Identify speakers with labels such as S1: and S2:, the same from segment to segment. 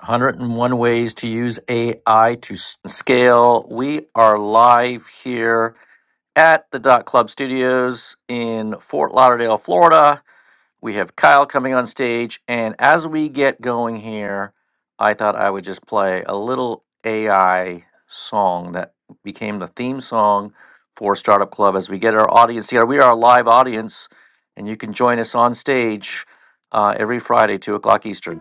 S1: 101 ways to use AI to scale. We are live here at the Dot Club Studios in Fort Lauderdale, Florida. We have Kyle coming on stage. And as we get going here, I thought I would just play a little AI song that became the theme song for Startup Club as we get our audience here. We are a live audience, and you can join us on stage uh, every Friday, 2 o'clock Eastern.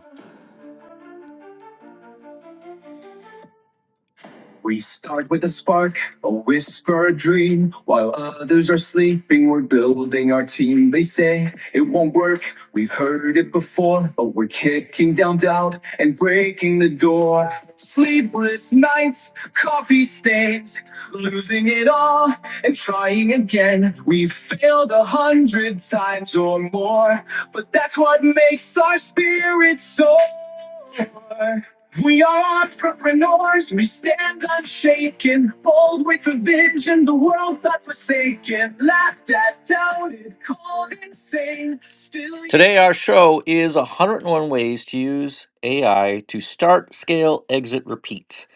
S1: We start with a spark, a whisper, a dream. While others are sleeping, we're building our team. They say it won't work. We've heard it before, but we're kicking down doubt and breaking the door. Sleepless nights, coffee stains, losing it all and trying again. We've failed a hundred times or more, but that's what makes our spirits soar. We are entrepreneurs, we stand unshaken, bold with a vision, the world's not forsaken, laughed at, doubted, called insane, still. Today, our show is 101 Ways to Use AI to Start, Scale, Exit, Repeat.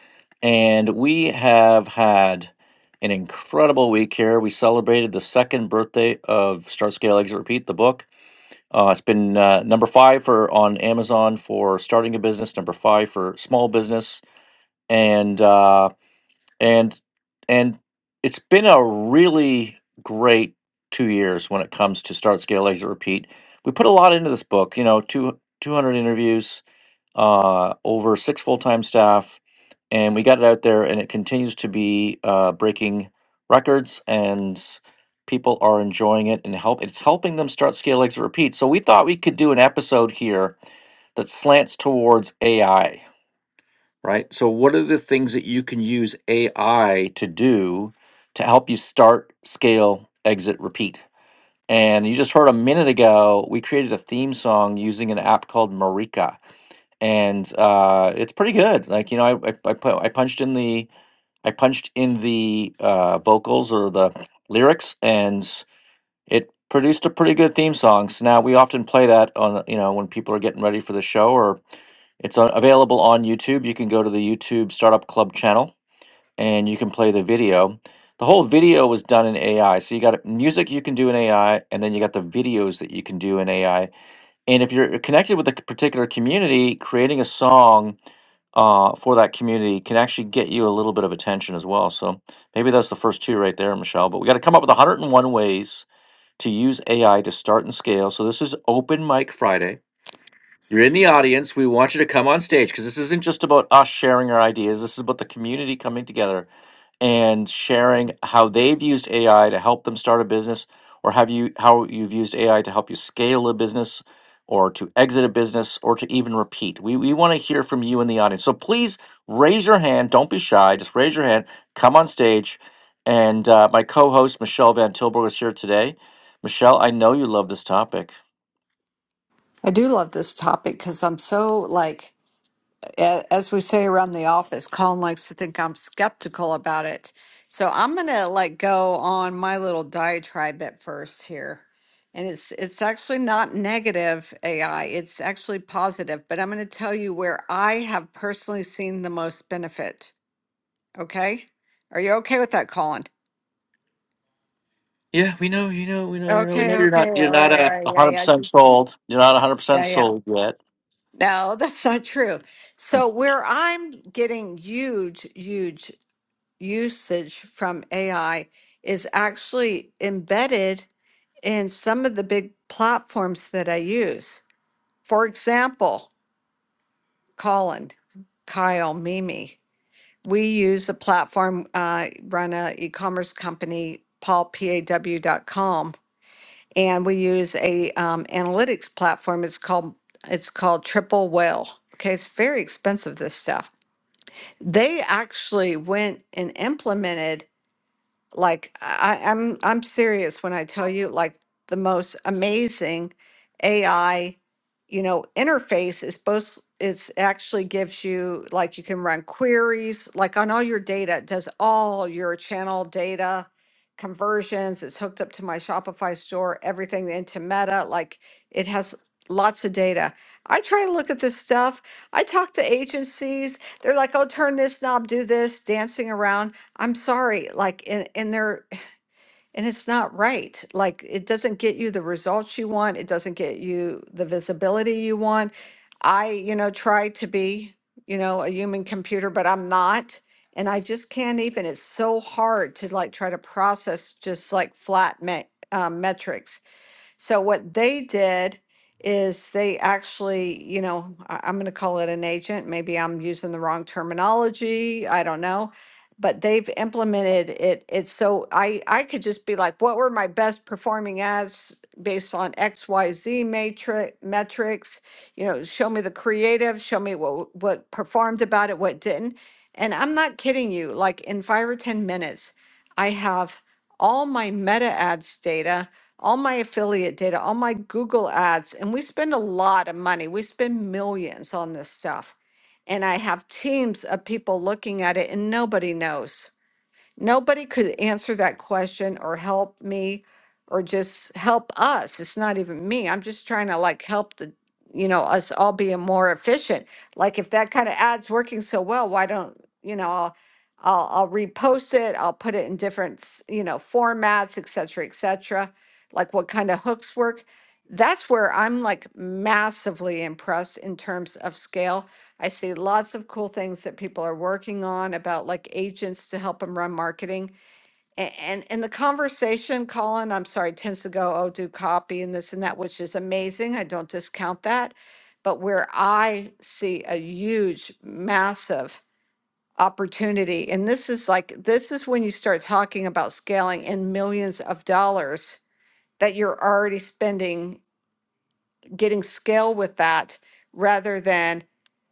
S1: And we have had an incredible week here. We celebrated the second birthday of Start, Scale, Exit, Repeat, the book. Uh, it's been uh, number five for on Amazon for starting a business, number five for small business, and uh, and and it's been a really great two years when it comes to start, scale, exit, repeat. We put a lot into this book, you know, two, 200 interviews, uh, over six full time staff, and we got it out there, and it continues to be uh, breaking records, and people are enjoying it and help. It's helping them start scale exit repeat. So we thought we could do an episode here that slants towards AI, right? So what are the things that you can use AI to do to help you start scale exit repeat? And you just heard a minute ago, we created a theme song using an app called Marika and uh, it's pretty good. Like you know, I I, I, pu- I punched in the I punched in the uh, vocals or the lyrics, and it produced a pretty good theme song. So now we often play that on you know when people are getting ready for the show, or it's on, available on YouTube. You can go to the YouTube Startup Club channel and you can play the video. The whole video was done in AI. So you got music you can do in AI, and then you got the videos that you can do in AI and if you're connected with a particular community, creating a song uh, for that community can actually get you a little bit of attention as well. So maybe that's the first two right there, Michelle. But we got to come up with 101 ways to use AI to start and scale. So this is Open Mic Friday. You're in the audience. We want you to come on stage because this isn't just about us sharing our ideas. This is about the community coming together and sharing how they've used AI to help them start a business, or have you how you've used AI to help you scale a business, or to exit a business, or to even repeat. We we want to hear from you in the audience. So please raise your hand. Don't be shy. Just raise your hand. Come on stage. And uh, my co-host Michelle Van Tilburg is here today. Michelle, I know you love this topic.
S2: I do love this topic because I'm so like, a- as we say around the office, Colin likes to think I'm skeptical about it. So I'm gonna like go on my little diatribe at first here, and it's it's actually not negative AI. It's actually positive, but I'm gonna tell you where I have personally seen the most benefit. Okay, are you okay with that, Colin?
S1: Yeah, we know, you know, we know, you
S2: Okay.
S1: know, we know you're not you're not a hundred percent sold. You're not a hundred percent sold yet.
S2: No, that's not true.
S1: Mm.
S2: So where I'm getting huge, huge usage from AI is actually embedded in some of the big platforms that I use. For example, Colin, Kyle, Mimi. We use a platform, uh, run a e-commerce company, paulpaw.com, and we use a um, analytics platform. It's called it's called Triple Whale. Okay, it's very expensive. This stuff. They actually went and implemented like I, I'm I'm serious when I tell you like the most amazing AI, you know, interface is both it's actually gives you like you can run queries like on all your data, it does all your channel data conversions, it's hooked up to my Shopify store, everything into Meta, like it has lots of data. I try to look at this stuff. I talk to agencies, they're like, oh, turn this knob, do this, dancing around. I'm sorry, like, and, and they're, and it's not right. Like, it doesn't get you the results you want. It doesn't get you the visibility you want. I, you know, try to be, you know, a human computer, but I'm not. And I just can't even, it's so hard to like try to process just like flat me- uh, metrics. So what they did is they actually, you know, I- I'm going to call it an agent. Maybe I'm using the wrong terminology. I don't know. But they've implemented it. It's so I I could just be like, what were my best performing ads based on X Y Z matrix metrics? You know, show me the creative, show me what what performed about it, what didn't. And I'm not kidding you. Like in five or ten minutes, I have all my meta ads data all my affiliate data, all my Google ads, and we spend a lot of money. We spend millions on this stuff. And I have teams of people looking at it, and nobody knows. Nobody could answer that question or help me or just help us. It's not even me. I'm just trying to like help the, you know, us all being more efficient. Like if that kind of ad's working so well, why don't, you know, I'll, I'll, I'll repost it. I'll put it in different, s- you know, formats, et cetera, et cetera. Like what kind of hooks work. That's where I'm like massively impressed in terms of scale I see lots of cool things that people are working on about like agents to help them run marketing. A- And and the conversation, Colin, I'm sorry, tends to go, oh, do copy and this and that, which is amazing. I don't discount that. But where I see a huge, massive opportunity, and this is like this is when you start talking about scaling in millions of dollars that you're already spending getting scale with that rather than,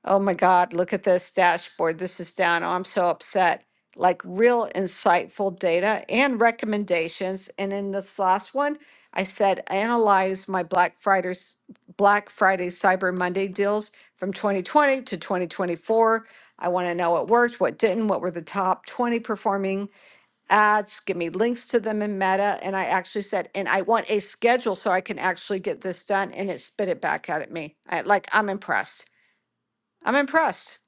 S2: oh my God, look at this dashboard. This is down. Oh, I'm so upset. Like real insightful data and recommendations. And in this last one, I said analyze my Black Friday's Black Friday Cyber Monday deals from 2020 to 2024. I want to know what worked, what didn't, what were the top 20 performing ads, give me links to them in Meta. And I actually said, and I want a schedule so I can actually get this done. And it spit it back out at me. I, like, I'm impressed. I'm impressed.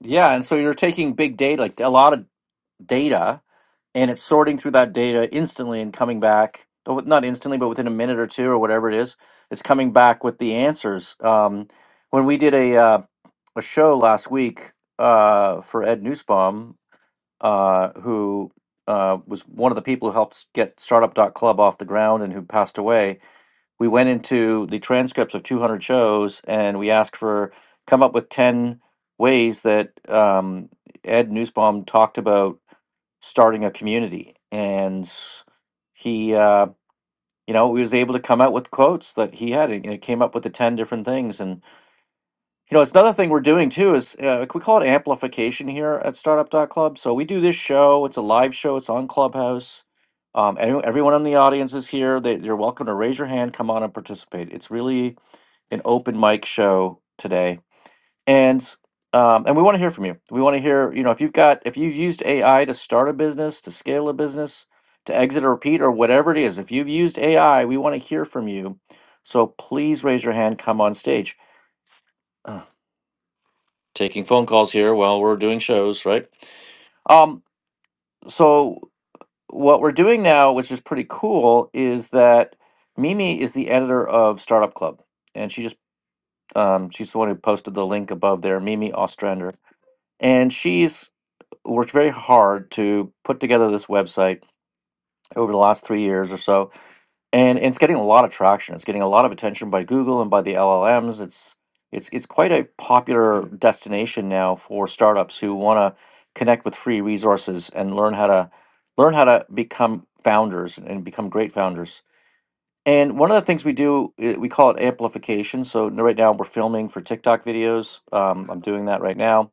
S1: Yeah, and so you're taking big data, like a lot of data, and it's sorting through that data instantly and coming back, oh, not instantly, but within a minute or two or whatever it is, it's coming back with the answers. Um, when we did a uh, a show last week uh, for Ed Newsbaum, uh, who uh, was one of the people who helped get Startup dot Club off the ground and who passed away we went into the transcripts of 200 shows and we asked for come up with 10 ways that um, ed newsbaum talked about starting a community and he uh, you know he was able to come out with quotes that he had and it came up with the 10 different things and you know it's another thing we're doing too is uh, we call it amplification here at Startup dot Club. so we do this show it's a live show it's on clubhouse um, any- everyone in the audience is here they, you're welcome to raise your hand come on and participate it's really an open mic show today, and um, and we want to hear from you. We want to hear, you know, if you've got if you've used AI to start a business, to scale a business, to exit or repeat or whatever it is. If you've used AI, we want to hear from you. So please raise your hand. Come on stage. Uh, taking phone calls here while we're doing shows, right? Um, so what we're doing now, which is pretty cool, is that Mimi is the editor of Startup Club, and she just um, she's the one who posted the link above there. Mimi Ostrander And she's worked very hard to put together this website over the last three years or so. And, and it's getting a lot of traction. It's getting a lot of attention by Google and by the LLMs. It's it's it's quite a popular destination now for startups who want to connect with free resources and learn how to learn how to become founders and become great founders. And one of the things we do, uh, we call it amplification. So n- right now we're filming for TikTok videos. Um, I'm doing that right now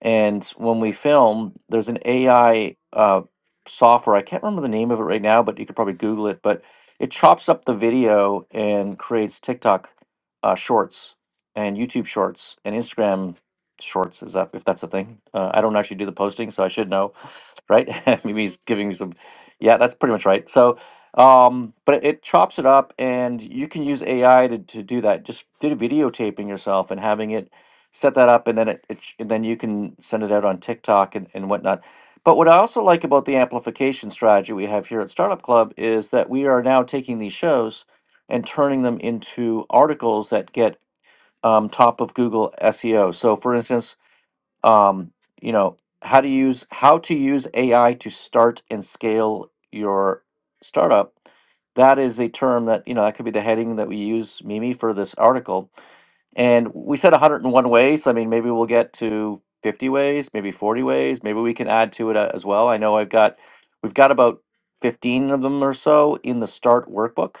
S1: and when we film, there's an AI uh, software. I can't remember the name of it right now, but you could probably Google it. But it chops up the video and creates TikTok uh, shorts and YouTube shorts and Instagram shorts. Is that if that's a thing? Uh, I don't actually do the posting, so I should know, right? Maybe he's giving me some. Yeah, that's pretty much right. So, um, but it chops it up, and you can use AI to, to do that. Just do videotaping yourself and having it set that up and then it, it sh- and then you can send it out on TikTok and, and whatnot. But what I also like about the amplification strategy we have here at Startup Club is that we are now taking these shows and turning them into articles that get um, top of Google SEO. So, for instance, um, you know how to use how to use AI to start and scale your startup. That is a term that you know that could be the heading that we use Mimi for this article and we said 101 ways. so, I mean, maybe we'll get to 50 ways, maybe 40 ways. Maybe we can add to it uh, as well. I know I've got, we've got about 15 of them or so in the start workbook,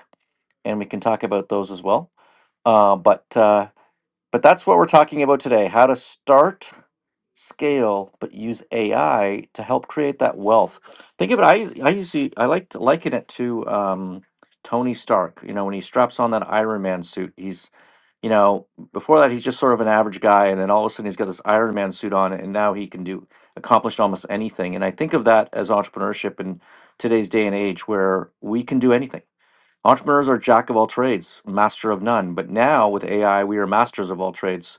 S1: and we can talk about those as well. Uh, but uh, but that's what we're talking about today: how to start, scale, but use AI to help create that wealth. Think of it. I I usually I like to liken it to um, Tony Stark. You know, when he straps on that Iron Man suit, he's you know, before that he's just sort of an average guy, and then all of a sudden he's got this Iron Man suit on, and now he can do accomplish almost anything. And I think of that as entrepreneurship in today's day and age, where we can do anything. Entrepreneurs are jack of all trades, master of none. But now with AI, we are masters of all trades.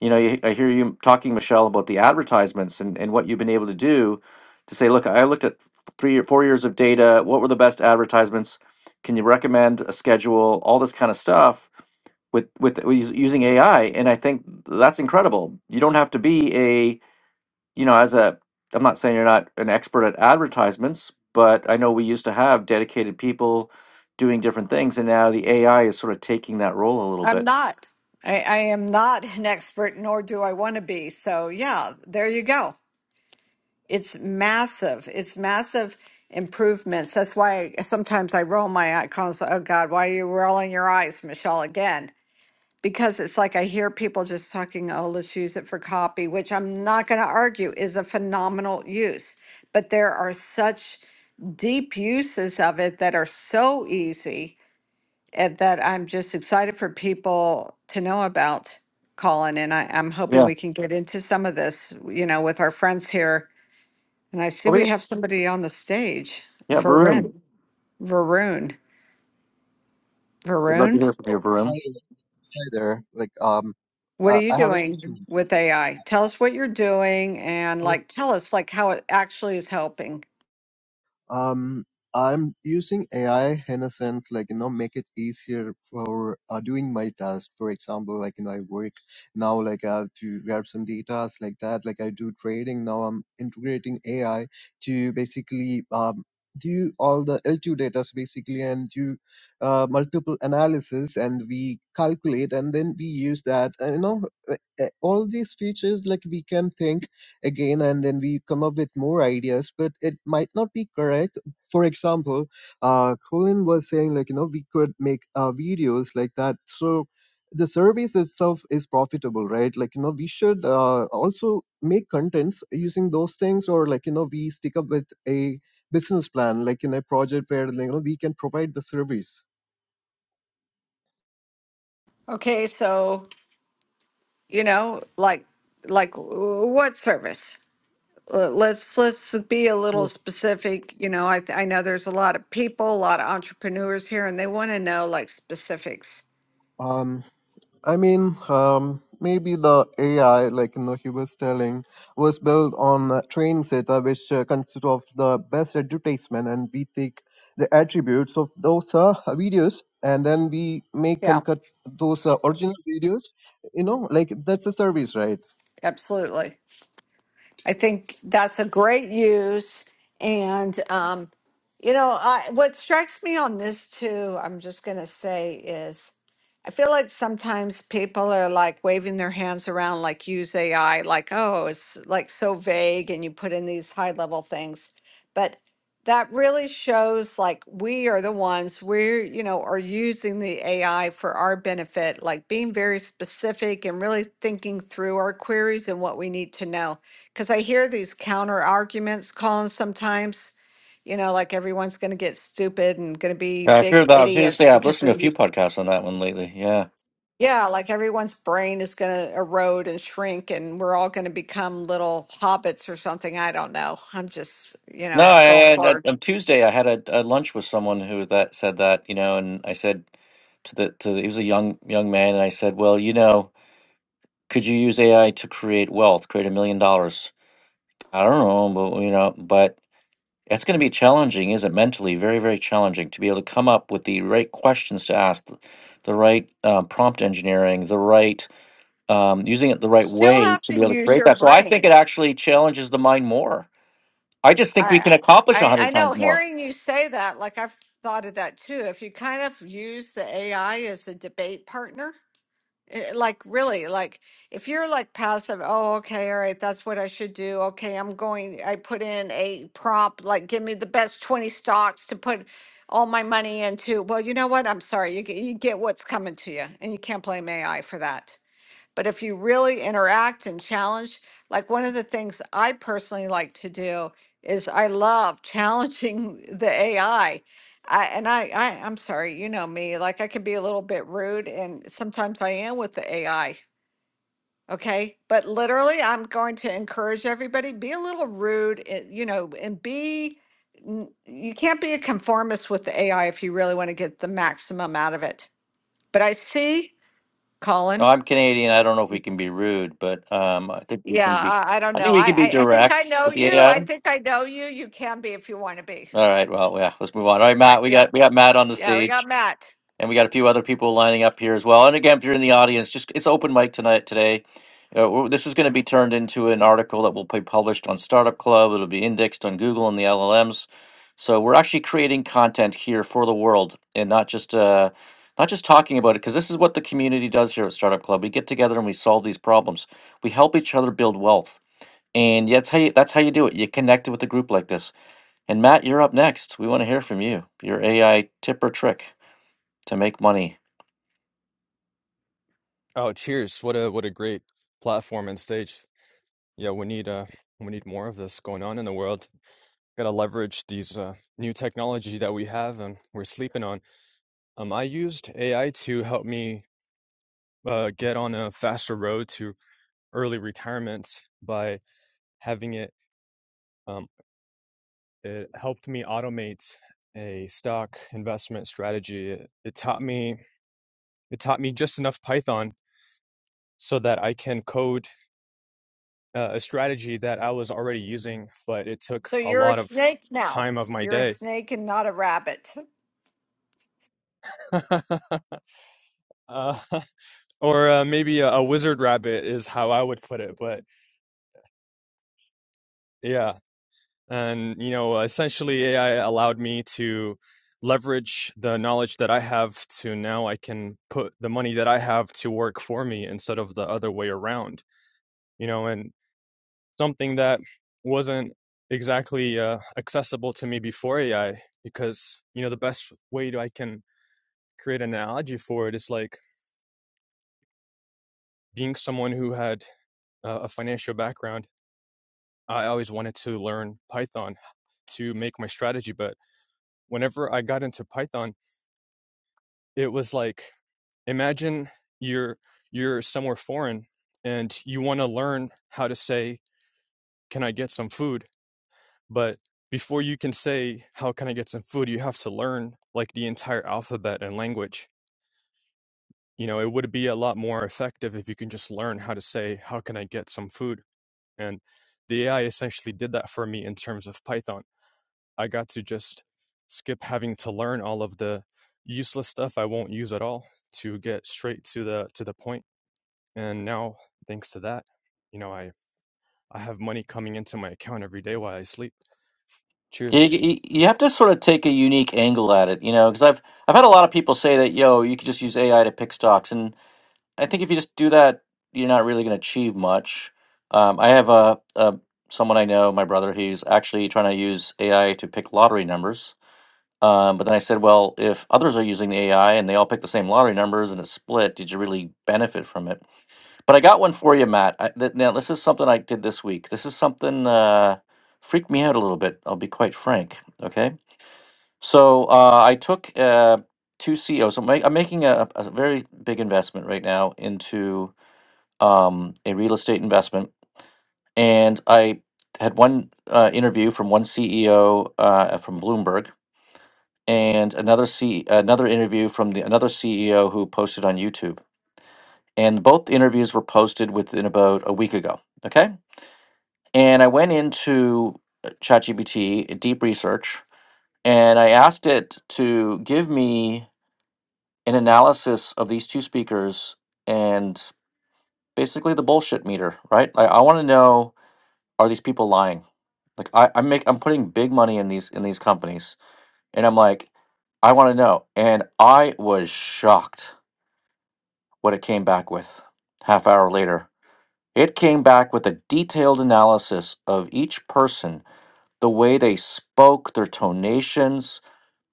S1: You know, you- I hear you talking, Michelle, about the advertisements and, and what you've been able to do to say, look, I looked at three or four years of data. What were the best advertisements? Can you recommend a schedule? All this kind of stuff with with with using AI, and I think that's incredible. You don't have to be a you know as a I'm not saying you're not an expert at advertisements, but I know we used to have dedicated people doing different things, and now the AI is sort of taking that role a little
S2: I'm
S1: bit.
S2: not. I, I am not an expert, nor do I want to be. So, yeah, there you go. It's massive. It's massive improvements. That's why sometimes I roll my eye- eyes. Oh, God, why are you rolling your eyes, Michelle, again? because it's like I hear people just talking, oh, let's use it for copy, which I'm not going to argue is a phenomenal use. But there are such deep uses of it that are so easy and that I'm just excited for people to know about, Colin. And I, I'm hoping
S1: Yeah.
S2: we can get into some of this, you know, with our friends here. And I see
S1: Oh
S2: we
S1: yeah.
S2: have somebody on the stage,
S1: Yeah, Varun.
S2: Varun. Varun.
S1: We'd love to
S2: Varun?
S1: hear from you,
S3: Oh, hi,
S1: Varun.
S3: hi there. Like, um,
S2: What are
S3: uh,
S2: you
S3: I have a
S2: doing
S3: question.
S2: with AI? Tell us what you're doing and
S3: Oh,
S2: like tell us like how it actually is helping.
S3: um, I'm using AI in a sense, like, you know, make it easier for uh, doing my task. For example, like, you know, I work now, like, I have to grab some data, like that. Like, I do trading now. I'm integrating AI to basically um, do all the L2 data so basically and do uh, multiple analysis and we calculate and then we use that. And, you know, uh, all these features, like, we can think again and then we come up with more ideas but it might not be correct for example uh colin was saying like you know we could make uh, videos like that so the service itself is profitable right like you know we should uh, also make contents using those things or like you know we stick up with a business plan like in a project where like, you know we can provide the service
S2: Okay, so you know, like like w- what service? Uh, Let's let's be a little
S3: Yeah.
S2: specific. You know, I th- I know there's a lot of people, a lot of entrepreneurs here, and they want to know like specifics.
S3: um I mean, um, maybe the AI, like you know, he was telling, was built on uh, training data, which uh, consists of the best advertisement, and we take the attributes of those uh, videos, and then we make
S2: Yeah,
S3: and cut those uh, original videos. You know, like that's a service, right?
S2: absolutely. I think that's a great use. And, um, you know, I, what strikes me on this too, I'm just going to say is I feel like sometimes people are like waving their hands around, like use AI, like, oh, it's like so vague and you put in these high level things. But that really shows like we are the ones we're, you know, are using the AI for our benefit, like being very specific and really thinking through our queries and what we need to know because I hear these counter arguments, Colin, sometimes, you know, like everyone's going to get stupid and going to be
S1: Yeah, I've heard
S2: big
S1: that. I've heard
S2: idiots
S1: say I've
S2: because
S1: listened to
S2: they're,
S1: a
S2: u-
S1: few podcasts on that one lately. Yeah.
S2: yeah, like everyone's brain is going to erode and shrink and we're all going to become little hobbits or something. I don't know. I'm just, you
S1: No,
S2: know,
S1: I
S2: going
S1: had I-
S2: forward.
S1: on Tuesday I had a, a lunch with someone who that said that, you know, and I said to the to the, he was a young young man, and I said, well, you know, could you use AI to create wealth, create a million dollars? I don't know, but you know, but It's going to be challenging, isn't it? Mentally, very, very challenging to be able to come up with the right questions to ask, th- the right uh, prompt engineering, the right um, using it the right
S2: Still
S1: way
S2: have
S1: to
S2: to
S1: be able to
S2: use
S1: create
S2: your
S1: that. So I think it
S2: brain.
S1: actually challenges the mind more. I just think we can
S2: I,
S1: accomplish a
S2: I, I
S1: hundred
S2: know
S1: times more.
S2: hearing you say that, like I've thought of that too. If you kind of use the AI as a debate partner, Eh, Like really, like if you're like passive, oh, okay, all right, that's what I should do. Okay, I'm going, I put in a prompt, like give me the best 20 stocks to put all my money into. Well, you know what? I'm sorry. You get, you get what's coming to you, and you can't blame AI for that. But if you really interact and challenge, like one of the things I personally like to do is I love challenging the AI. and I, I, I'm sorry, you know me, like I can be a little bit rude and sometimes I am with the AI. Okay. But literally, I'm going to encourage everybody be a little rude, eh, you know, and be, n- you can't be a conformist with the AI if you really want to get the maximum out of it. But I see,
S1: No,
S2: Colin.
S1: I'm Canadian. I don't know if we can be rude, but um, I think we
S2: Yeah,
S1: can be.
S2: I, I don't
S1: I
S2: know.
S1: think we can be
S2: I, I I think I
S1: direct
S2: know
S1: with the
S2: you.
S1: AI.
S2: I
S1: All
S2: think I know you. You can be if you want to be.
S1: right. Well, yeah. Let's move on. All right,
S2: All right.
S1: Matt. We
S2: Yeah.
S1: got we got Matt on the
S2: Yeah. We
S1: stage.
S2: got Matt.
S1: and we got a few other people lining up here as well. And again, if you're in the audience, just it's open mic tonight today. Uh, we're- this is going to be turned into an article that will be published on Startup Club. It'll be indexed on Google and the LLMs. So we're actually creating content here for the world, and not just uh, not just talking about it, because this is what the community does here at Startup Club. We get together and we solve these problems. We help each other build wealth, and that's how you, that's how you do it. You connect with a group like this. And Matt, you're up next. We want to hear from you. Your AI tip or trick to make money.
S4: Oh, cheers. What a what a great platform and stage. Yeah, we need uh we need more of this going on in the world. Gotta leverage these uh new technology that we have and we're sleeping on. Um, I used AI to help me uh get on a faster road to early retirement by having it um it helped me automate a stock investment strategy. It, it taught me it taught me just enough Python so that I can code uh, a strategy that I was already using, but it took
S2: So
S4: a
S2: you're a
S4: lot of
S2: snake now.
S4: time of my
S2: You're a
S4: day.
S2: snake and not a rabbit.
S4: uh, or uh, maybe a, a wizard rabbit is how I would put it. But yeah, and you know, essentially AI allowed me to leverage the knowledge that I have to now I can put the money that I have to work for me instead of the other way around. You know, and something that wasn't exactly uh, accessible to me before AI because you know the best way that I can create an analogy for it is like being someone who had uh, a financial background, I always wanted to learn Python to make my strategy. But whenever I got into Python, it was like imagine you're you're somewhere foreign and you want to learn how to say, "Can I get some food?" But before you can say, "How can I get some food?" you have to learn like the entire alphabet and language. You know, it would be a lot more effective if you can just learn how to say, "How can I get some food?" And the AI essentially did that for me in terms of Python. I got to just skip having to learn all of the useless stuff I won't use at all to get straight to the to the point. And now thanks to that, you know, I I have money coming into my account every day while I sleep.
S1: You,
S4: Cheers.
S1: you you have to sort of take a unique angle at it, you know, because I've I've had a lot of people say that, yo, you could just use AI to pick stocks, and I think if you just do that, you're not really going to achieve much. Um, I have a, a someone I know, my brother, he's actually trying to use AI to pick lottery numbers. Um, but then I said, well, if others are using the AI and they all pick the same lottery numbers and it's split, did you really benefit from it? But I got one for you, Matt. I, th- now, this is something I did this week. This is something uh, freaked me out a little bit. I'll be quite frank. Okay. So uh, I took uh, two CEOs. I'm, ma- I'm making a, a very big investment right now into um, a real estate investment. And I had one uh, interview from one CEO uh, from Bloomberg and another C another interview from the another CEO who posted on YouTube. And both interviews were posted within about a week ago. Okay. And I went into uh, ChatGPT uh, deep research and I asked it to give me an analysis of these two speakers and basically the bullshit meter, right? I, I want to know are these people lying? Like I, I make I'm putting big money in these in these companies. And I'm like, I want to know. And I was shocked what it came back with half hour later. It came back with a detailed analysis of each person, the way they spoke, their tonations,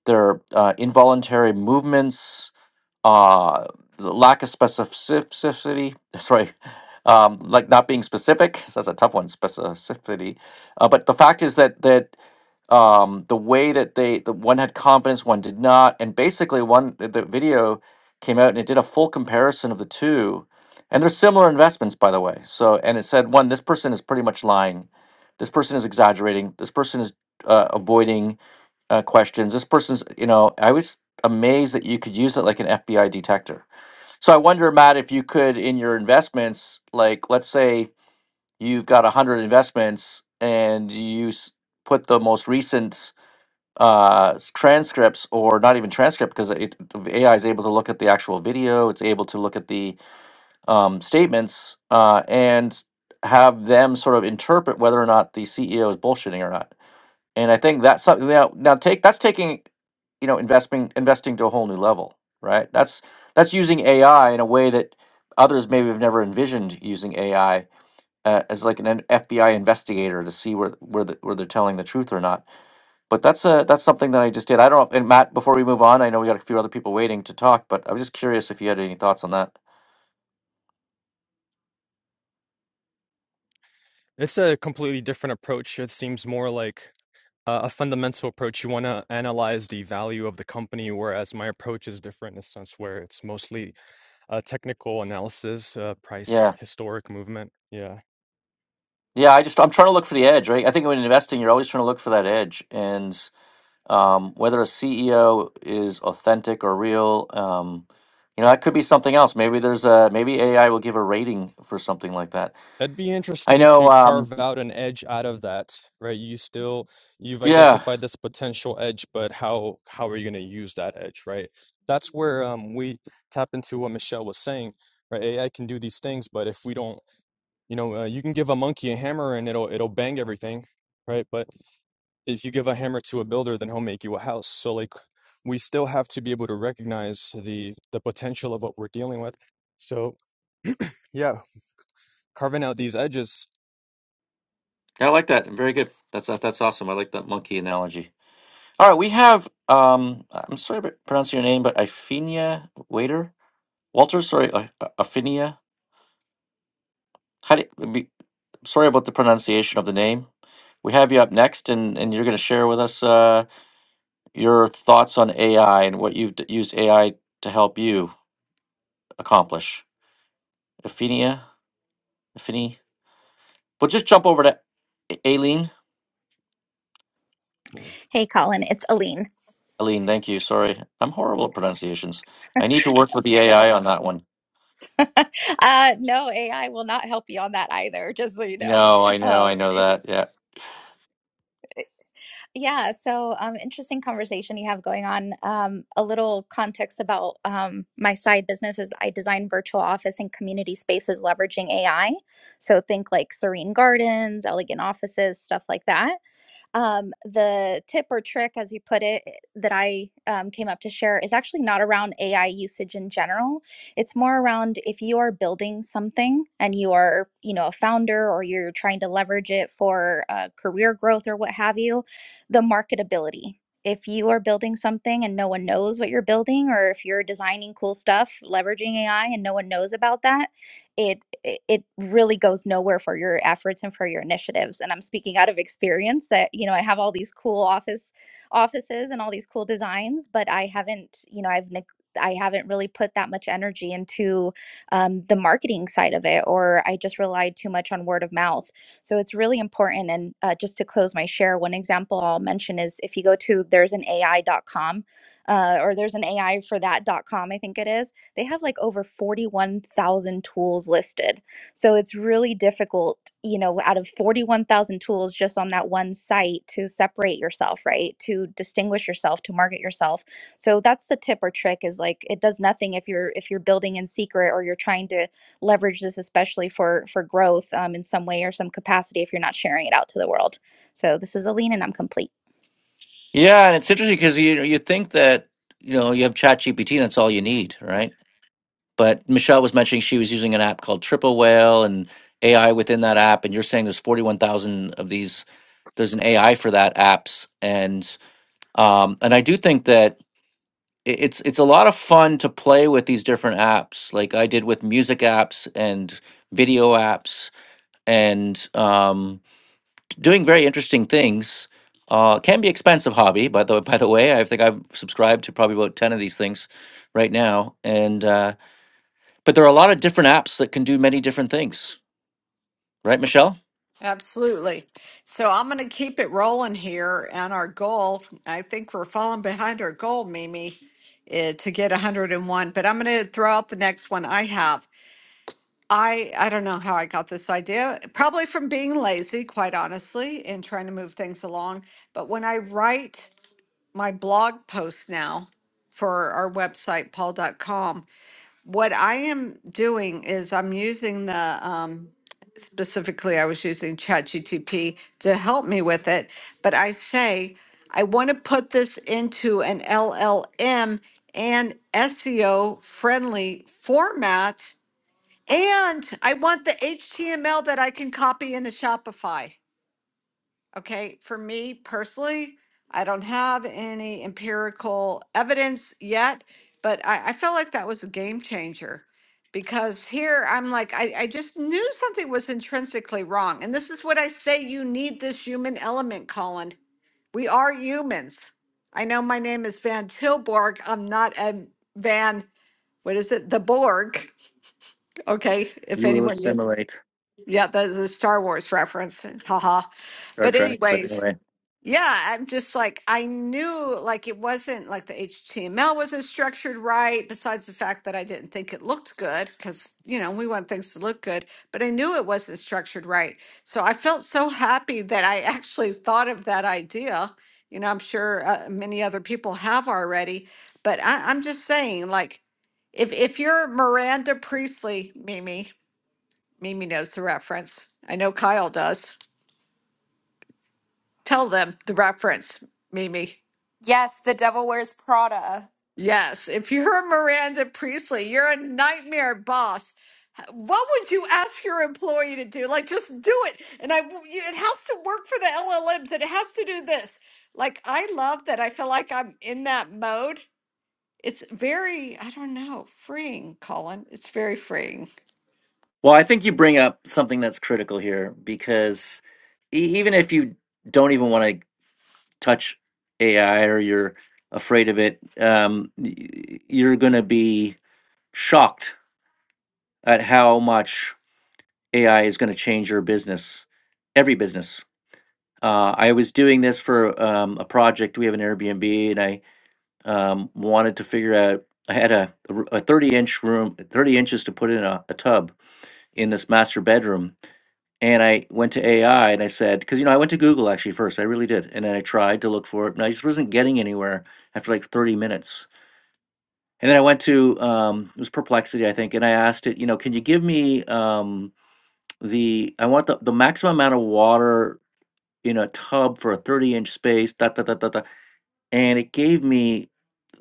S1: their uh, involuntary movements, uh, the lack of specificity. Sorry, um, like not being specific. that's a tough one, specificity. Uh, but the fact is that that um, the way that they the one had confidence, one did not, and basically one the the video came out and it did a full comparison of the two, and they're similar investments by the way. So and it said one this person is pretty much lying, this person is exaggerating, this person is uh, avoiding uh, questions, this person's you know I was amazed that you could use it like an FBI detector. So I wonder, Matt, if you could in your investments, like let's say you've got a hundred investments and you s- put the most recent uh, s- transcripts or not even transcript because it, the AI is able to look at the actual video. It's able to look at the um, statements uh, and have them sort of interpret whether or not the CEO is bullshitting or not. And I think that's something now, now take that's taking you know investing investing to a whole new level, right? That's that's using AI in a way that others maybe have never envisioned using AI uh, as like an FBI investigator to see where where the, where they're telling the truth or not but that's a that's something that I just did. I don't know. And Matt, before we move on, I know we got a few other people waiting to talk, but I was just curious if you had any thoughts on that.
S4: It's a completely different approach. It seems more like uh, a fundamental approach. You want to analyze the value of the company, whereas my approach is different in a sense where it's mostly uh, technical analysis, uh, price
S1: Yeah.
S4: historic movement. Yeah.
S1: Yeah, I just I'm trying to look for the edge, right? I think when investing, you're always trying to look for that edge, and um, whether a CEO is authentic or real, um, you know, that could be something else. Maybe there's a maybe AI will give a rating for something like that.
S4: That'd be
S1: I
S4: interesting
S1: know.
S4: to
S1: Um,
S4: carve out an edge out of that, right? You still you've
S1: yeah,
S4: identified this potential edge, but how how are you going to use that edge, right? That's where um, we tap into what Michelle was saying, right? AI can do these things, but if we don't, you know, uh, you can give a monkey a hammer and it'll it'll bang everything, right? But if you give a hammer to a builder, then he'll make you a house. So like we still have to be able to recognize the the potential of what we're dealing with. So yeah, carving out these edges.
S1: Yeah, I like that. Very good. That's that's awesome. I like that monkey analogy. All right, we have. Um, I'm sorry to pronounce your name, but Iphenia Waiter Walter. Sorry, I- I- Iphenia. How do you, be, sorry about the pronunciation of the name. We have you up next, and and you're going to share with us. Uh, your thoughts on AI and what you've d- used AI to help you accomplish. Afinia, Afini. But just jump over to A- Aileen.
S5: Hey, Colin, it's Aline.
S1: Aileen, thank you. Sorry, I'm horrible at pronunciations. I need to work with the
S5: No,
S1: AI on that one.
S5: uh, no, AI will not help you on that either, just so you know.
S1: No, I know,
S5: Um,
S1: I know
S5: it,
S1: that. Yeah,
S5: yeah, so um, interesting conversation you have going on. Um, a little context about um, my side business is I design virtual office and community spaces leveraging AI. So think like serene gardens, elegant offices, stuff like that. um, the tip or trick, as you put it, eh, that I um, came up to share is actually not around AI usage in general. It's more around if you are building something and you are, you know, a founder or you're trying to leverage it for uh, career growth or what have you, the marketability. If you are building something and no one knows what you're building, or if you're designing cool stuff, leveraging AI and no one knows about that, it it really goes nowhere for your efforts and for your initiatives and i'm speaking out of experience that you know i have all these cool office offices and all these cool designs but i haven't you know i've neg- i haven't really put that much energy into um, the marketing side of it or i just relied too much on word of mouth so it's really important and uh, just to close my share one example i'll mention is if you go to there's an ai ai.com uh, or there's an ai for that dot com. i think it is they have like over 41,000 tools listed. So it's really difficult, you know, out of 41,000 tools just on that one site to separate yourself, right? To distinguish yourself, to market yourself. So that's the tip or trick is like it does nothing if you're if you're building in secret or you're trying to leverage this especially for for growth um, in some way or some capacity if you're not sharing it out to the world. So this is Aline and I'm complete.
S1: yeah, and it's interesting because you you think that you know you have ChatGPT and that's all you need, right? But Michelle was mentioning she was using an app called Triple Whale and AI within that app, and you're saying there's 41,000 of these there's an AI for that apps, and Um, and I do think that i- it's it's a lot of fun to play with these different apps, like I did with music apps and video apps, and um, doing very interesting things. Uh, can be expensive hobby, by the by the way. I think I've subscribed to probably about ten of these things right now, and uh, but there are a lot of different apps that can do many different things, right, Michelle?
S2: Absolutely. So I'm going to keep it rolling here. And our goal, I think we're falling behind our goal, Mimi, eh, to get 101. But I'm going to throw out the next one I have. I I don't know how I got this idea. Probably from being lazy, quite honestly, and trying to move things along. But when I write my blog posts now for our website, paul.com. What I am doing is I'm using the, um, specifically, I was using ChatGTP to help me with it, but I say, I want to put this into an LLM and SEO friendly format. And I want the HTML that I can copy into Shopify. Okay, for me personally, I don't have any empirical evidence yet, but I, I felt like that was a game changer because here I'm like, I, I just knew something was intrinsically wrong. And this is what I say you need this human element, Colin. We are humans. I know my name is Van Tilborg. I'm not a Van, what is it? The Borg. Okay, if
S1: You will
S2: anyone gets,
S1: assimilate
S2: yeah, that's a Star Wars reference. Haha.
S1: Star
S2: But,
S1: Trek, but
S2: anyways.
S1: anyway.
S2: Yeah, I'm just like I knew like it wasn't like the HTML wasn't structured right, besides the fact that I didn't think it looked good because you know we want things to look good, but I knew it wasn't structured right. So I felt so happy that I actually thought of that idea. You know, I'm sure uh, many other people have already, but I, I'm just saying like if if you're Miranda Priestley, Mimi, Mimi knows the reference. I know Kyle does. Tell them the reference, Mimi.
S6: Yes, the devil wears Prada.
S2: Yes, if you're a Miranda Priestley, you're a nightmare boss. What would you ask your employee to do? Like, just do it. And I, it has to work for the LLMs, and it has to do this. Like, I love that. I feel like I'm in that mode. It's very, I don't know, freeing, Colin. It's very freeing.
S1: Well, I think you bring up something that's critical here because e- even if you don't even want to touch AI or you're afraid of it, um, y- you're going to be shocked at how much AI is going to change your business, every business. Uh, I was doing this for um, a project. We have an Airbnb, and I um, wanted to figure out. I had a a 30 inch room, 30 inches to put in a, a tub in this master bedroom And I went to AI and I said, because you know, I went to Google actually first. I really did, and then I tried to look for it, and I just wasn't getting anywhere after like 30 minutes. And then I went to um, it was Perplexity, I think, and I asked it, you know, can you give me um, the I want the, the maximum amount of water in a tub for a 30 inch space, dot dot dot dot dot, and it gave me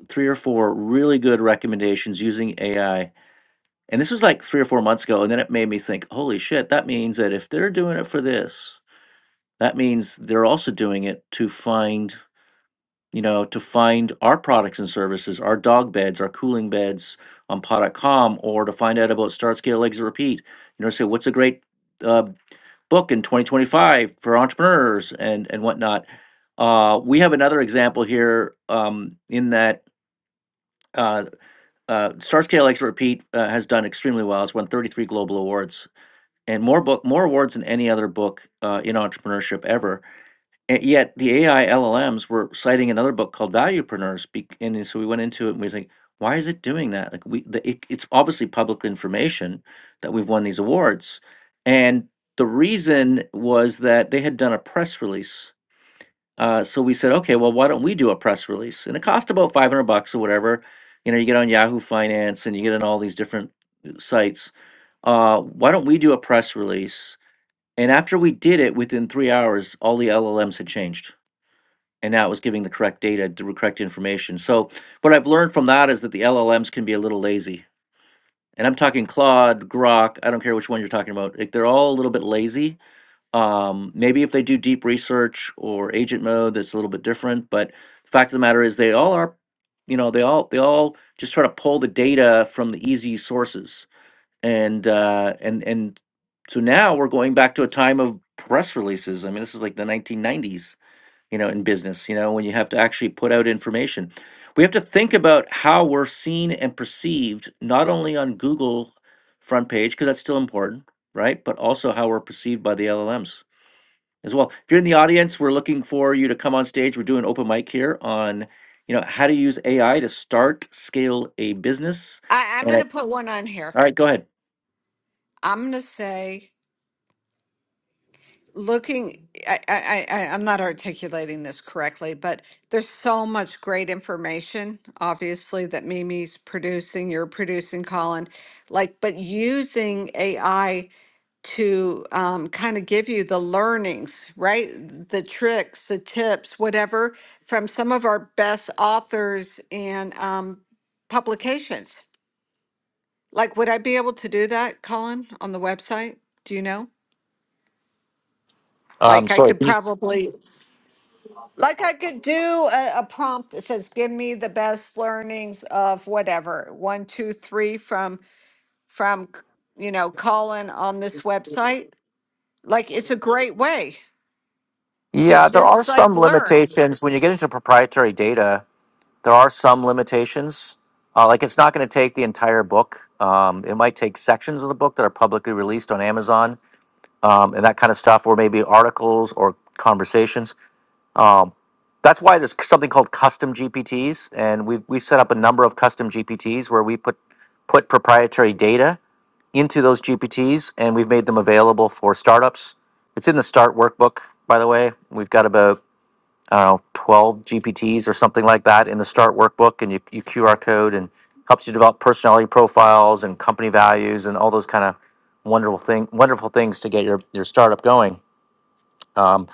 S1: three or four really good recommendations using AI. And this was like three or four months ago, and then it made me think, holy shit, that means that if they're doing it for this That means they're also doing it to find, you know, to find our products and services, our dog beds, our cooling beds on paw.com, or to find out about Start Scale Exit Repeat. You know, say what's a great uh, book in 2025 for entrepreneurs and and whatnot. Uh, we have another example here um, in that uh, uh, Start Scale Exit Repeat uh, has done extremely well. It's won 33 global awards and more book more awards than any other book uh, in entrepreneurship ever and yet the AI LLMs were citing another book called Valuepreneurs, bec- and then so we went into it and we was like, why is it doing that? Like we, the, it, it's obviously public information that we've won these awards, and the reason was that they had done a press release. Uh, so we said, okay, well, why don't we do a press release? And it cost about five hundred bucks or whatever. You know, you get on Yahoo Finance and you get on all these different uh, sites. Uh, why don't we do a press release? And after we did it, within three hours, all the LLMs had changed and now it was giving the correct data, the correct information. So what I've learned from that is that the LLMs can be a little lazy. And I'm talking Claude, Grok, I don't care which one you're talking about. Like they're all a little bit lazy. Um, maybe if they do deep research or agent mode, that's a little bit different. But the fact of the matter is they all are, you know, they all they all just try to pull the data from the easy sources. And uh and and so now we're going back to a time of press releases. I mean, this is like the 1990s you know, in business, you know, when you have to actually put out information. We have to think about how we're seen and perceived, not only on Google front page, because that's still important, right? But also how we're perceived by the LLMs as well. If you're in the audience, we're looking for you to come on stage. We're doing open mic here on, you know, how to use AI to start, scale a business.
S2: I, I'm
S1: And
S2: going
S1: I,
S2: to put one on here.
S1: all right, go ahead.
S2: I'm going to say. looking I, I i I- am not articulating this correctly but there's so much great information obviously that mimi's producing you're producing colin like but using ai to um, kind of give you the learnings right the tricks the tips whatever from some of our best authors and um, publications like would i be able to do that colin on the website do you know
S1: Um,
S2: like i
S1: sorry.
S2: could
S1: Can you...
S2: probably Like I could do a, a prompt that says, "Give me the best learnings of whatever one, two, three from from you know Colin on this website." Like it's a great way to
S1: Yeah, there are
S2: just like
S1: some
S2: learn.
S1: limitations when you get into proprietary data. There are some limitations. Uh, like it's not going to take the entire book. Um, it might take sections of the book that are publicly released on Amazon um, and that kind of stuff, or maybe articles or conversations. Um, that's why there's something called custom GPTs, and we've we've set up a number of custom GPTs where we put put proprietary data into those GPTs, and we've made them available for startups. It's in the Start Workbook, by the way. We've got about I don't know, 12 GPTs or something like that in the START workbook, and you, you QR code and helps you develop personality profiles and company values and all those kind of wonderful thing, wonderful things to get your, your startup going. Um,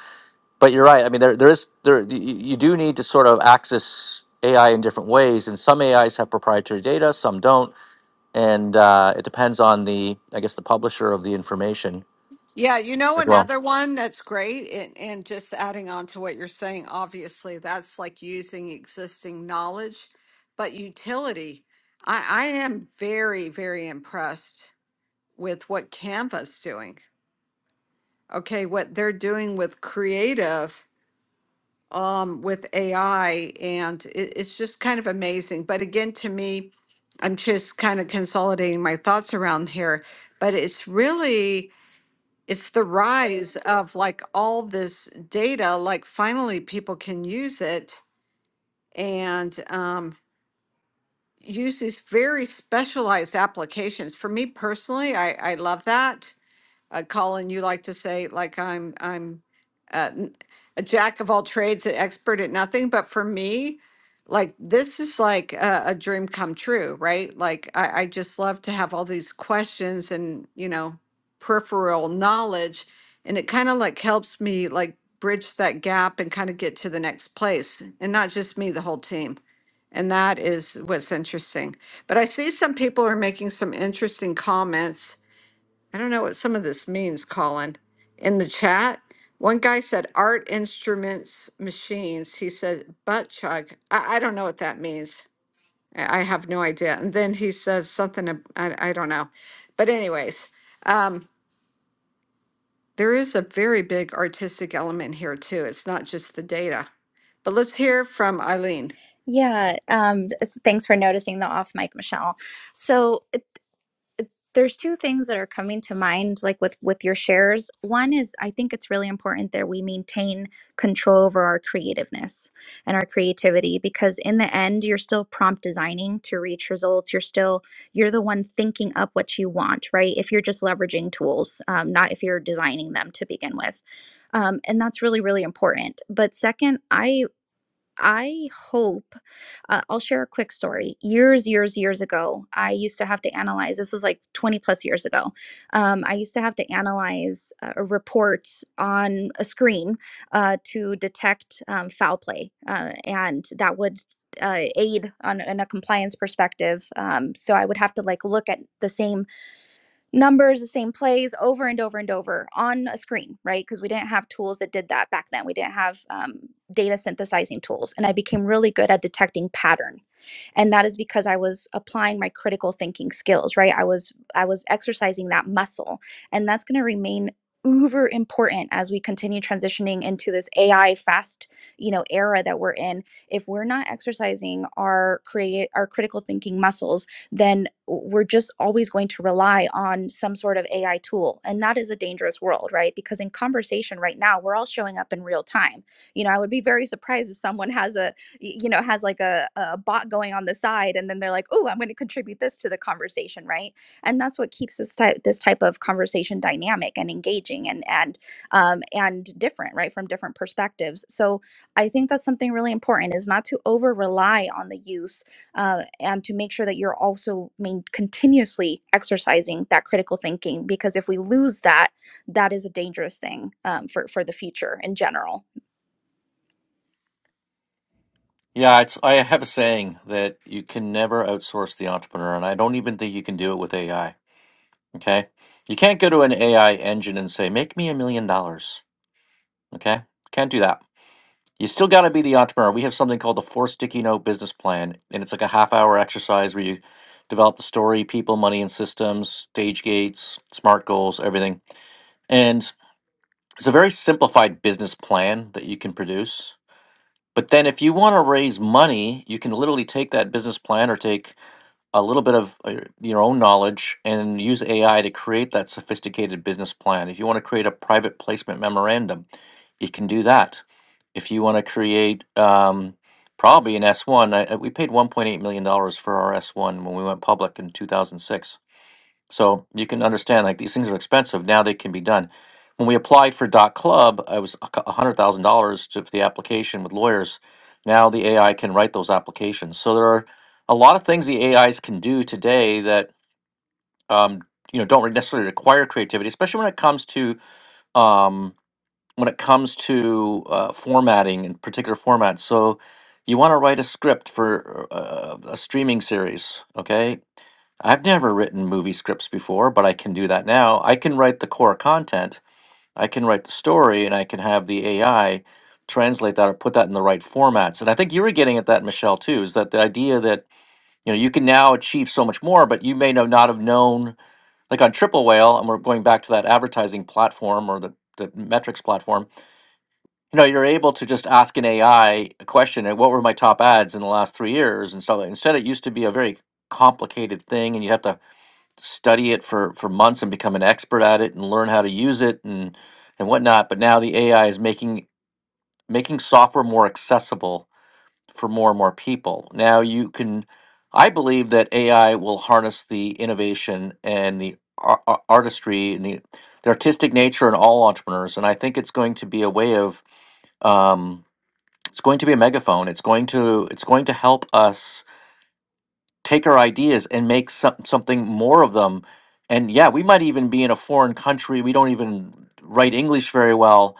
S1: but you're right. I mean, there, there is there y- y- you do need to sort of access AI in different ways, and some AIs have proprietary data, some don't, and uh, it depends on the I guess the publisher of the information.
S2: Yeah, you know
S1: as well.
S2: another one that's great, and, and just adding on to what you're saying, obviously that's like using existing knowledge, but utility. I, I am very very impressed with what Canva's doing. okay, what they're doing with creative, um, with AI, and it, it's just kind of amazing. But again, to me, I'm just kind of consolidating my thoughts around here, but it's really it's the rise of like all this data, like finally people can use it and um, use these very specialized applications. For me personally, I, I love that. Uh, Colin, you like to say like I'm I'm uh, n- a jack of all trades, an expert at nothing. But for me, like this is like a, a dream come true, right? Like I, I just love to have all these questions and you know peripheral knowledge, and it kind of like helps me like bridge that gap and kind of get to the next place, and not just me, the whole team. And that is what's interesting. But I see some people are making some interesting comments I don't know what some of this means, Colin. In the chat, one guy said art instruments, machines. He said butt chug. I, I don't know what that means. I, I have no idea. And then he says something, ab- I, I don't know. But, anyways, um, there is a very big artistic element here, too. It's not just the data. But let's hear from Eileen.
S5: Yeah, um, th- thanks for noticing the off mic, Michelle. So there's two things that are coming to mind like with with your shares one is i think it's really important that we maintain control over our creativeness and our creativity because in the end you're still prompt designing to reach results you're still you're the one thinking up what you want right if you're just leveraging tools um, not if you're designing them to begin with um, and that's really really important but second i I hope uh, I'll share a quick story. Years, years, years ago, I used to have to analyze. This was like 20 plus years ago. Um, I used to have to analyze uh, a report on a screen uh, to detect um, foul play, uh, and that would uh, aid on in a compliance perspective. Um, so I would have to like look at the same numbers, the same plays over and over and over on a screen, right? Because we didn't have tools that did that back then. We didn't have um, data synthesizing tools. And I became really good at detecting pattern. And that is because I was applying my critical thinking skills, right? I was I was exercising that muscle. And that's going to remain uber important as we continue transitioning into this AI fast, you know, era that we're in. If we're not exercising our create our critical thinking muscles, then we're just always going to rely on some sort of AI tool. And that is a dangerous world, right? Because in conversation right now, we're all showing up in real time. You know, I would be very surprised if someone has a, you know, has like a, a bot going on the side and then they're like, oh, I'm going to contribute this to the conversation, right? And that's what keeps this type, this type of conversation dynamic and engaging and, and, um, and different, right? From different perspectives. So I think that's something really important is not to over rely on the use uh, and to make sure that you're also main continuously exercising that critical thinking because if we lose that that is a dangerous thing um, for, for the future in general
S1: Yeah, it's, I have a saying that you can never outsource the entrepreneur, and I don't even think you can do it with AI. Okay. You can't go to an AI engine and say, make me a million dollars. Okay. Can't do that. You still got to be the entrepreneur. We have something called the four sticky note business plan, and it's like a half hour exercise where you develop the story, people, money, and systems, stage gates, smart goals, everything. And it's a very simplified business plan that you can produce. But then if you want to raise money, you can literally take that business plan or take a little bit of uh, your own knowledge and use AI to create that sophisticated business plan. If you want to create a private placement memorandum, you can do that. If you want to create um, probably an S1, I, I- uh, we paid $1.8 million dollars for our S1 when we went public in 2006 so you can understand like these things are expensive. Now they can be done. When we applied for dot club, I was a cou- a hundred thousand dollars to for the application with lawyers. Now the AI can write those applications. So there are a lot of things the AIs can do today that um, you know don't re- necessarily require creativity, especially when it comes to um, when it comes to uh, formatting in particular formats. So you want to write a script for uh, a streaming series, okay? I've never written movie scripts before, but I can do that now. I can write the core content, I can write the story, and I can have the AI translate that or put that in the right formats. And I think you were getting at that, Michelle, too, is that the idea that you know you can now achieve so much more, but you may know not have known, like on Triple Whale, and we're going back to that advertising platform or the the metrics platform. You know, you're able to just ask an AI a question, and what were my top ads in the last three years, and stuff. like- Instead, it used to be a very complicated thing, and you have to study it for for months and become an expert at it and learn how to use it and and whatnot. But now the AI is making making software more accessible for more and more people. Now you can, I believe that AI will harness the innovation and the ar- ar- artistry and the, the artistic nature in all entrepreneurs, and I think it's going to be a way of um, it's going to be a megaphone. It's going to it's going to help us take our ideas and make some, something more of them. And yeah, we might even be in a foreign country. We don't even write English very well,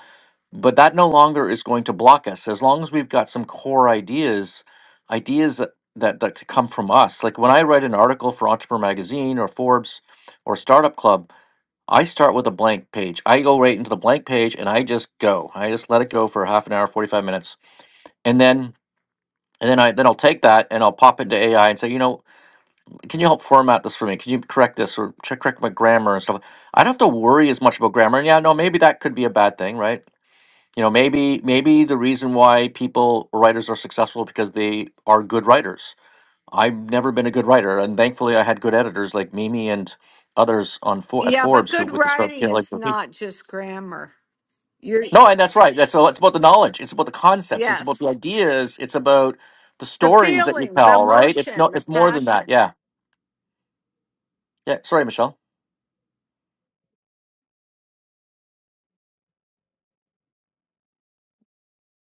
S1: but that no longer is going to block us. As long as we've got some core ideas, ideas that, that, that could come from us. Like when I write an article for Entrepreneur Magazine or Forbes or Startup Club, I start with a blank page. I go right into the blank page and I just go. I just let it go for half an hour, 45 minutes. And then and then I then I'll take that and I'll pop into AI and say, you know, can you help format this for me? Can you correct this or check correct my grammar and stuff? I don't have to worry as much about grammar. And yeah, no, maybe that could be a bad thing, right? You know, maybe maybe the reason why people writers are successful because they are good writers. I've never been a good writer, and thankfully, I had good editors like Mimi and others on For- at
S2: Yeah, but
S1: Forbes who
S2: good
S1: with the stuff
S2: writing
S1: you know like
S2: is not just grammar. You're,
S1: no, and that's right. That's all. It's about the knowledge. It's about the concepts. It's about the
S2: yes,
S1: ideas. It's about the
S2: the
S1: stories that you
S2: feeling, the
S1: tell, right? It's no.
S2: emotion, the
S1: It's more than that.
S2: passion.
S1: Yeah. Yeah. Sorry, Michelle.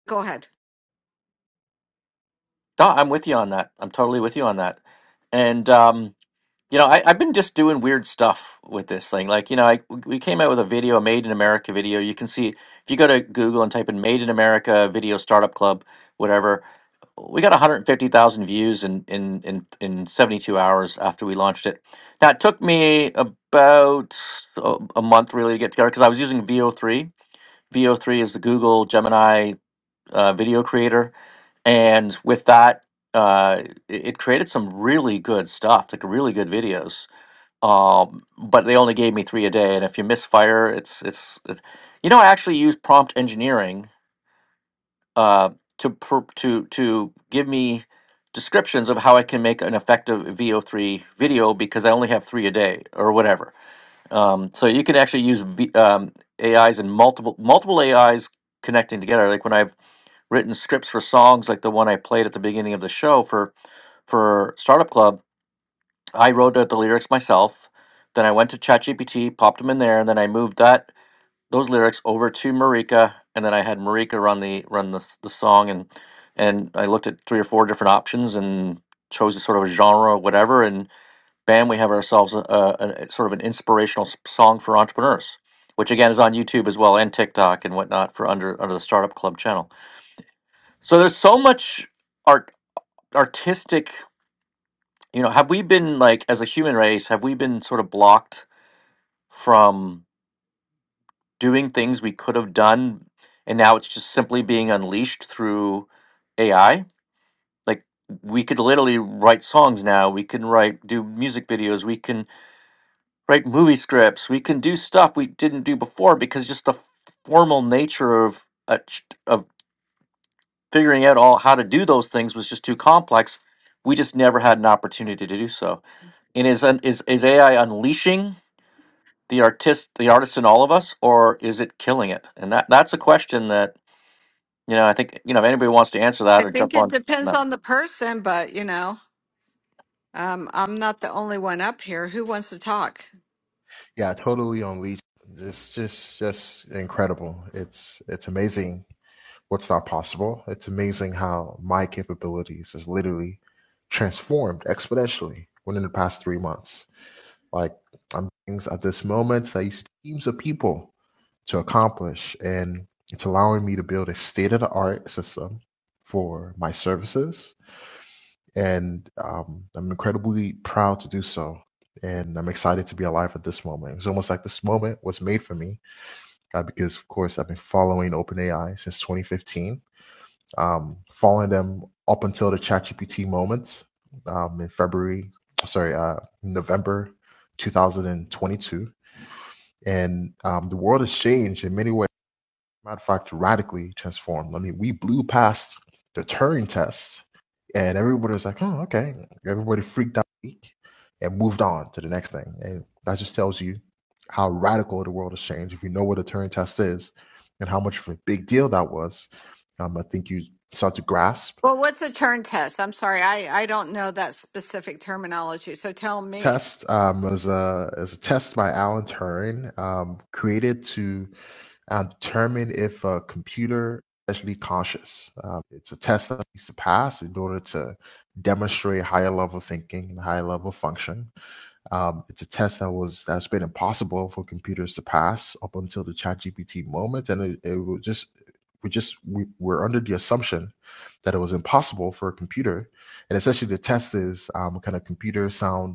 S2: Go ahead.
S1: No, I'm with you on that. I'm totally with you on that. And um, you know, I, I've been just doing weird stuff with this thing. Like, you know, I we came out with a video, a Made in America video. You can see if you go to Google and type in "Made in America Video Startup Club," whatever. We got 150,000 views in in in in 72 hours after we launched it. Now it took me about a, a month really to get together because I was using VO3. VO3 is the Google Gemini uh, video creator. And with that, uh, it, it created some really good stuff, like really good videos. Um, but they only gave me three a day. And if you misfire, it's it's it, you know I actually use prompt engineering uh, to pr- to to give me descriptions of how I can make an effective VO3 video because I only have three a day or whatever. Um, so you can actually use v, um, AIs and multiple multiple AIs connecting together. Like when I've written scripts for songs like the one I played at the beginning of the show for for Startup Club. I wrote out the lyrics myself. Then I went to ChatGPT, popped them in there, and then I moved that those lyrics over to Marika, and then I had Marika run the run the s- the song, and and I looked at three or four different options and chose a sort of a genre, whatever, and bam, we have ourselves a, a, a sort of an inspirational s- song for entrepreneurs, which again is on YouTube as well and TikTok and whatnot for under under the Startup Club channel. So there's so much art artistic you know have we been like as a human race have we been sort of blocked from doing things we could have done and now it's just simply being unleashed through ai like we could literally write songs now we can write do music videos we can write movie scripts we can do stuff we didn't do before because just the f- formal nature of a, ch- of. figuring out all how to do those things was just too complex. We just never had an opportunity to do so. And is un- is is AI unleashing the artist, the artist in all of us, or is it killing it? And that that's a question that you know. I think you know if anybody wants to answer
S2: I
S1: that or
S2: think
S1: jump
S2: it
S1: on.
S2: depends
S1: No.
S2: on the person, but you know, um, I'm not the only one up here. Who wants to talk?
S7: Yeah, totally on Legion. Just just just incredible. It's it's amazing what's not possible. It's amazing how my capabilities has literally transformed exponentially within the past three months. Like I'm doing things at this moment that I used teams of people to accomplish and it's allowing me to build a state of the art system for my services and um, I'm incredibly proud to do so. And I'm excited to be alive at this moment. It's almost like this moment was made for me uh, because, of course, I've been following OpenAI since 2015, um, following them up until the ChatGPT moments um, in February, sorry, uh, November 2022. And um, the world has changed in many ways matter of fact, radically transformed. I mean, we blew past the Turing test, and everybody was like, "Oh, okay." Everybody freaked out and moved on to the next thing, and that just tells you how radical the world has changed. If you know what a Turing test is and how much of a big deal that was, um, I think you start to grasp.
S2: Well, what's a turn test? I'm sorry, I, I don't know that specific terminology. So tell me.
S7: Test um, as a as a test by Alan Turing, um, created to uh, determine if a computer is actually conscious. Uh, it's a test that needs to pass in order to demonstrate higher level thinking and higher level function. Um, it's a test that was that's been impossible for computers to pass up until the ChatGPT moment, and it, it was just we just we, were under the assumption that it was impossible for a computer, and essentially the test is um, can a computer sound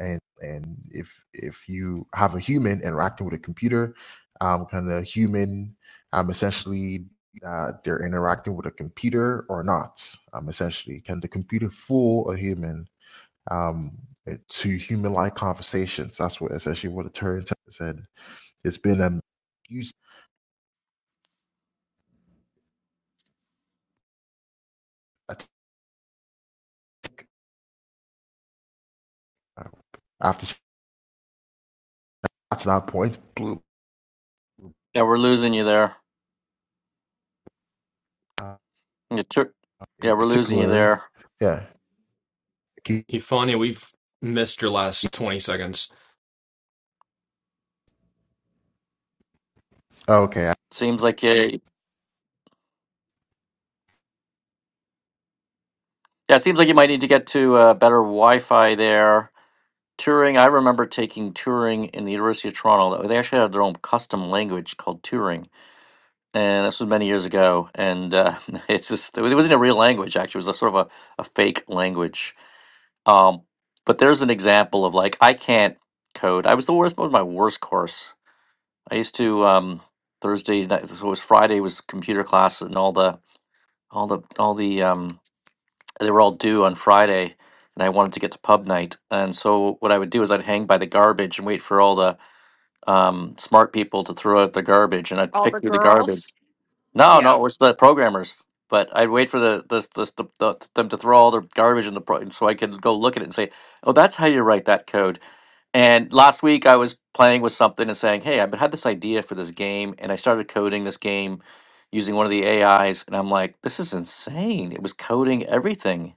S7: and and if if you have a human interacting with a computer um can the human um essentially uh, they're interacting with a computer or not um essentially can the computer fool a human um to human like conversations that's what essentially what the Turing test said it's been a huge attack uh, after that's that point
S1: Yeah, we're losing you there.
S7: uh,
S1: You took-
S7: in
S1: yeah, we're losing you
S7: particular
S1: there.
S7: yeah
S4: Ifani, we've missed your last 20 seconds.
S7: okay
S1: Seems like you, yeah, it seems like you might need to get to uh, better Wi-Fi there. Turing, I remember taking Turing in the University of Toronto. They actually had their own custom language called Turing and this was many years ago. And uh, it's just it wasn't a real language actually; it was a sort of a, a fake language. Um, but there's an example of like I can't code. I was the worst. Was my worst course. I used to um, Thursday night. So it was Friday was computer class, and all the all the all the um, they were all due on Friday. And I wanted to get to pub night, and so what I would do is I'd hang by the garbage and wait for all the um, smart people to throw out the garbage, and I'd
S2: All
S1: pick
S2: the
S1: through the garbage
S2: girls?
S1: no,
S2: Yeah.
S1: no, it's the programmers. But I'd wait for the the this the, the, them to throw all their garbage in the pro, so I can go look at it and say, "Oh, that's how you write that code." And last week I was playing with something and saying, "Hey, I've had this idea for this game," and I started coding this game using one of the AIs, and I'm like, "This is insane!" It was coding everything,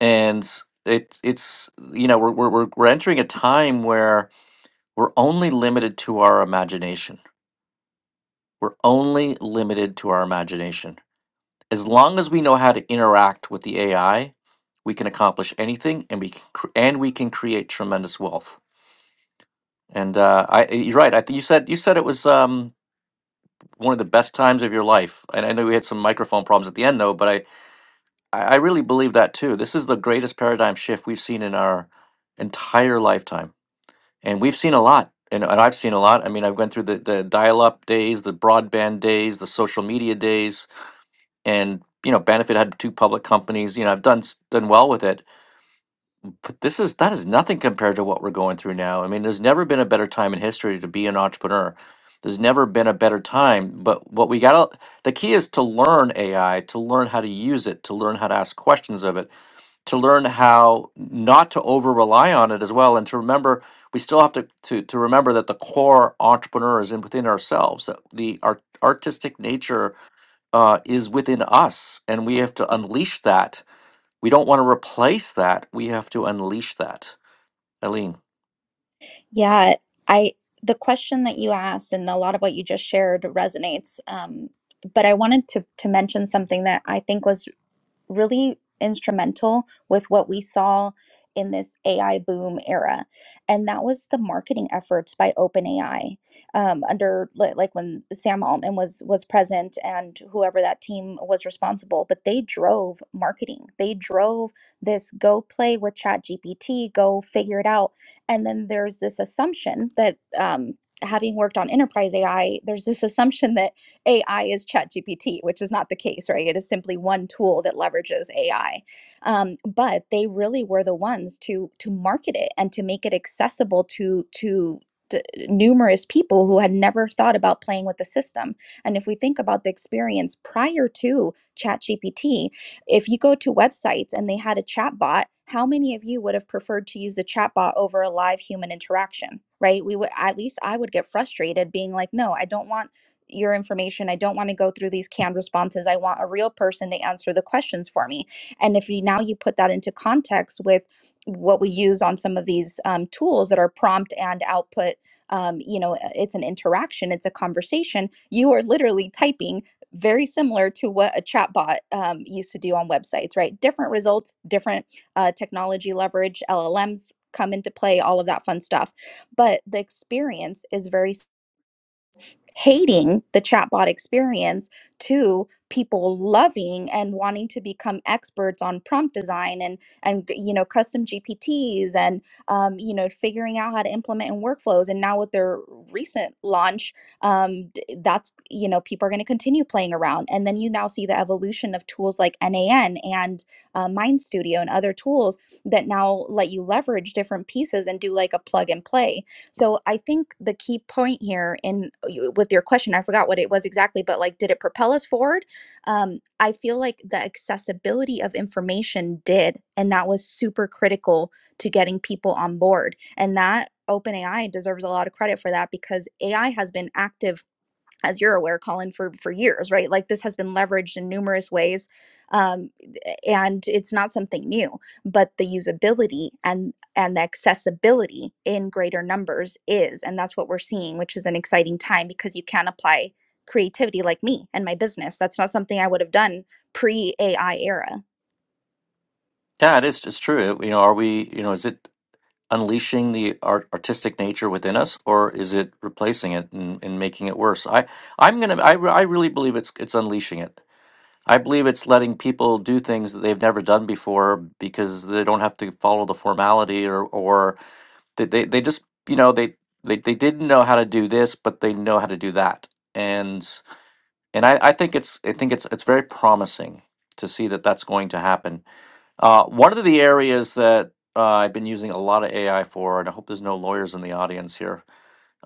S1: and it it's you know we're we're we're we're entering a time where we're only limited to our imagination. We're only limited to our imagination as long as we know how to interact with the AI, we can accomplish anything, and we can cr- and we can create tremendous wealth. And uh, I, you're right. I think you said you said it was um, one of the best times of your life. And I know we had some microphone problems at the end, though. But I, I I really believe that too. This is the greatest paradigm shift we've seen in our entire lifetime, and we've seen a lot. And, and I've seen a lot. I mean, I've gone through the, the dial-up days, the broadband days, the social media days, and you know benefit had two public companies you know i've done s- done well with it but this is that is nothing compared to what we're going through now i mean there's never been a better time in history to be an entrepreneur there's never been a better time but what we got the key is to learn ai to learn how to use it to learn how to ask questions of it to learn how not to over rely on it as well and to remember we still have to, to, to remember that the core entrepreneur is in within ourselves that the art, artistic nature uh, is within us, and we have to unleash that. We don't want to replace that. We have to unleash that. Eileen.
S5: Yeah, I the question that you asked and a lot of what you just shared resonates. Um, but I wanted to to mention something that I think was really instrumental with what we saw in this AI boom era. And that was the marketing efforts by OpenAI um, under li- like when Sam Altman was was present and whoever that team was responsible, but they drove marketing. They drove this go play with ChatGPT, go figure it out. And then there's this assumption that um, having worked on enterprise AI, there's this assumption that AI is ChatGPT, which is not the case, right? It is simply one tool that leverages AI. Um, but they really were the ones to to market it and to make it accessible to to to numerous people who had never thought about playing with the system. And if we think about the experience prior to ChatGPT, if you go to websites and they had a chat bot, how many of you would have preferred to use a chatbot over a live human interaction? Right? We would at least I would get frustrated being like, no, I don't want your information. I don't want to go through these canned responses. I want a real person to answer the questions for me. And if you now you put that into context with what we use on some of these um, tools that are prompt and output, um, you know, uh, it's an interaction, it's a conversation. You are literally typing very similar to what a chatbot um, used to do on websites, right? Different results, different uh, technology leverage, LLMs come into play, all of that fun stuff. But the experience is very hating the chatbot experience to people loving and wanting to become experts on prompt design and and you know custom gpts and um, you know figuring out how to implement in workflows and now with their recent launch um, d- that's you know people are going to continue playing around and then you now see the evolution of tools like nan and uh, mind studio and other tools that now let you leverage different pieces and do like a plug and play so I think the key point here in with your question, I forgot what it was exactly, but like, did it propel us forward? Um, I feel like the accessibility of information did, and that was super critical to getting people on board. And that OpenAI deserves a lot of credit for that because AI has been active as you're aware, Colin, for for years, right? Like this has been leveraged in numerous ways, um, and it's not something new. But the usability and and the accessibility in greater numbers is, and that's what we're seeing, which is an exciting time because you can apply creativity like me and my business. That's not something I would have done pre AI era.
S1: Yeah, it is. It's true. You know, are we? You know, is it unleashing the art, artistic nature within us, or is it replacing it and, and making it worse? I, I'm gonna. I, re- I really believe it's it's unleashing it. I believe it's letting people do things that they've never done before because they don't have to follow the formality or or They, they, they just, you know, they, they, they didn't know how to do this, but they know how to do that. And, and I, I think it's, I think it's, it's very promising to see that that's going to happen. Uh, one of the areas that uh, I've been using a lot of AI for, and I hope there's no lawyers in the audience here,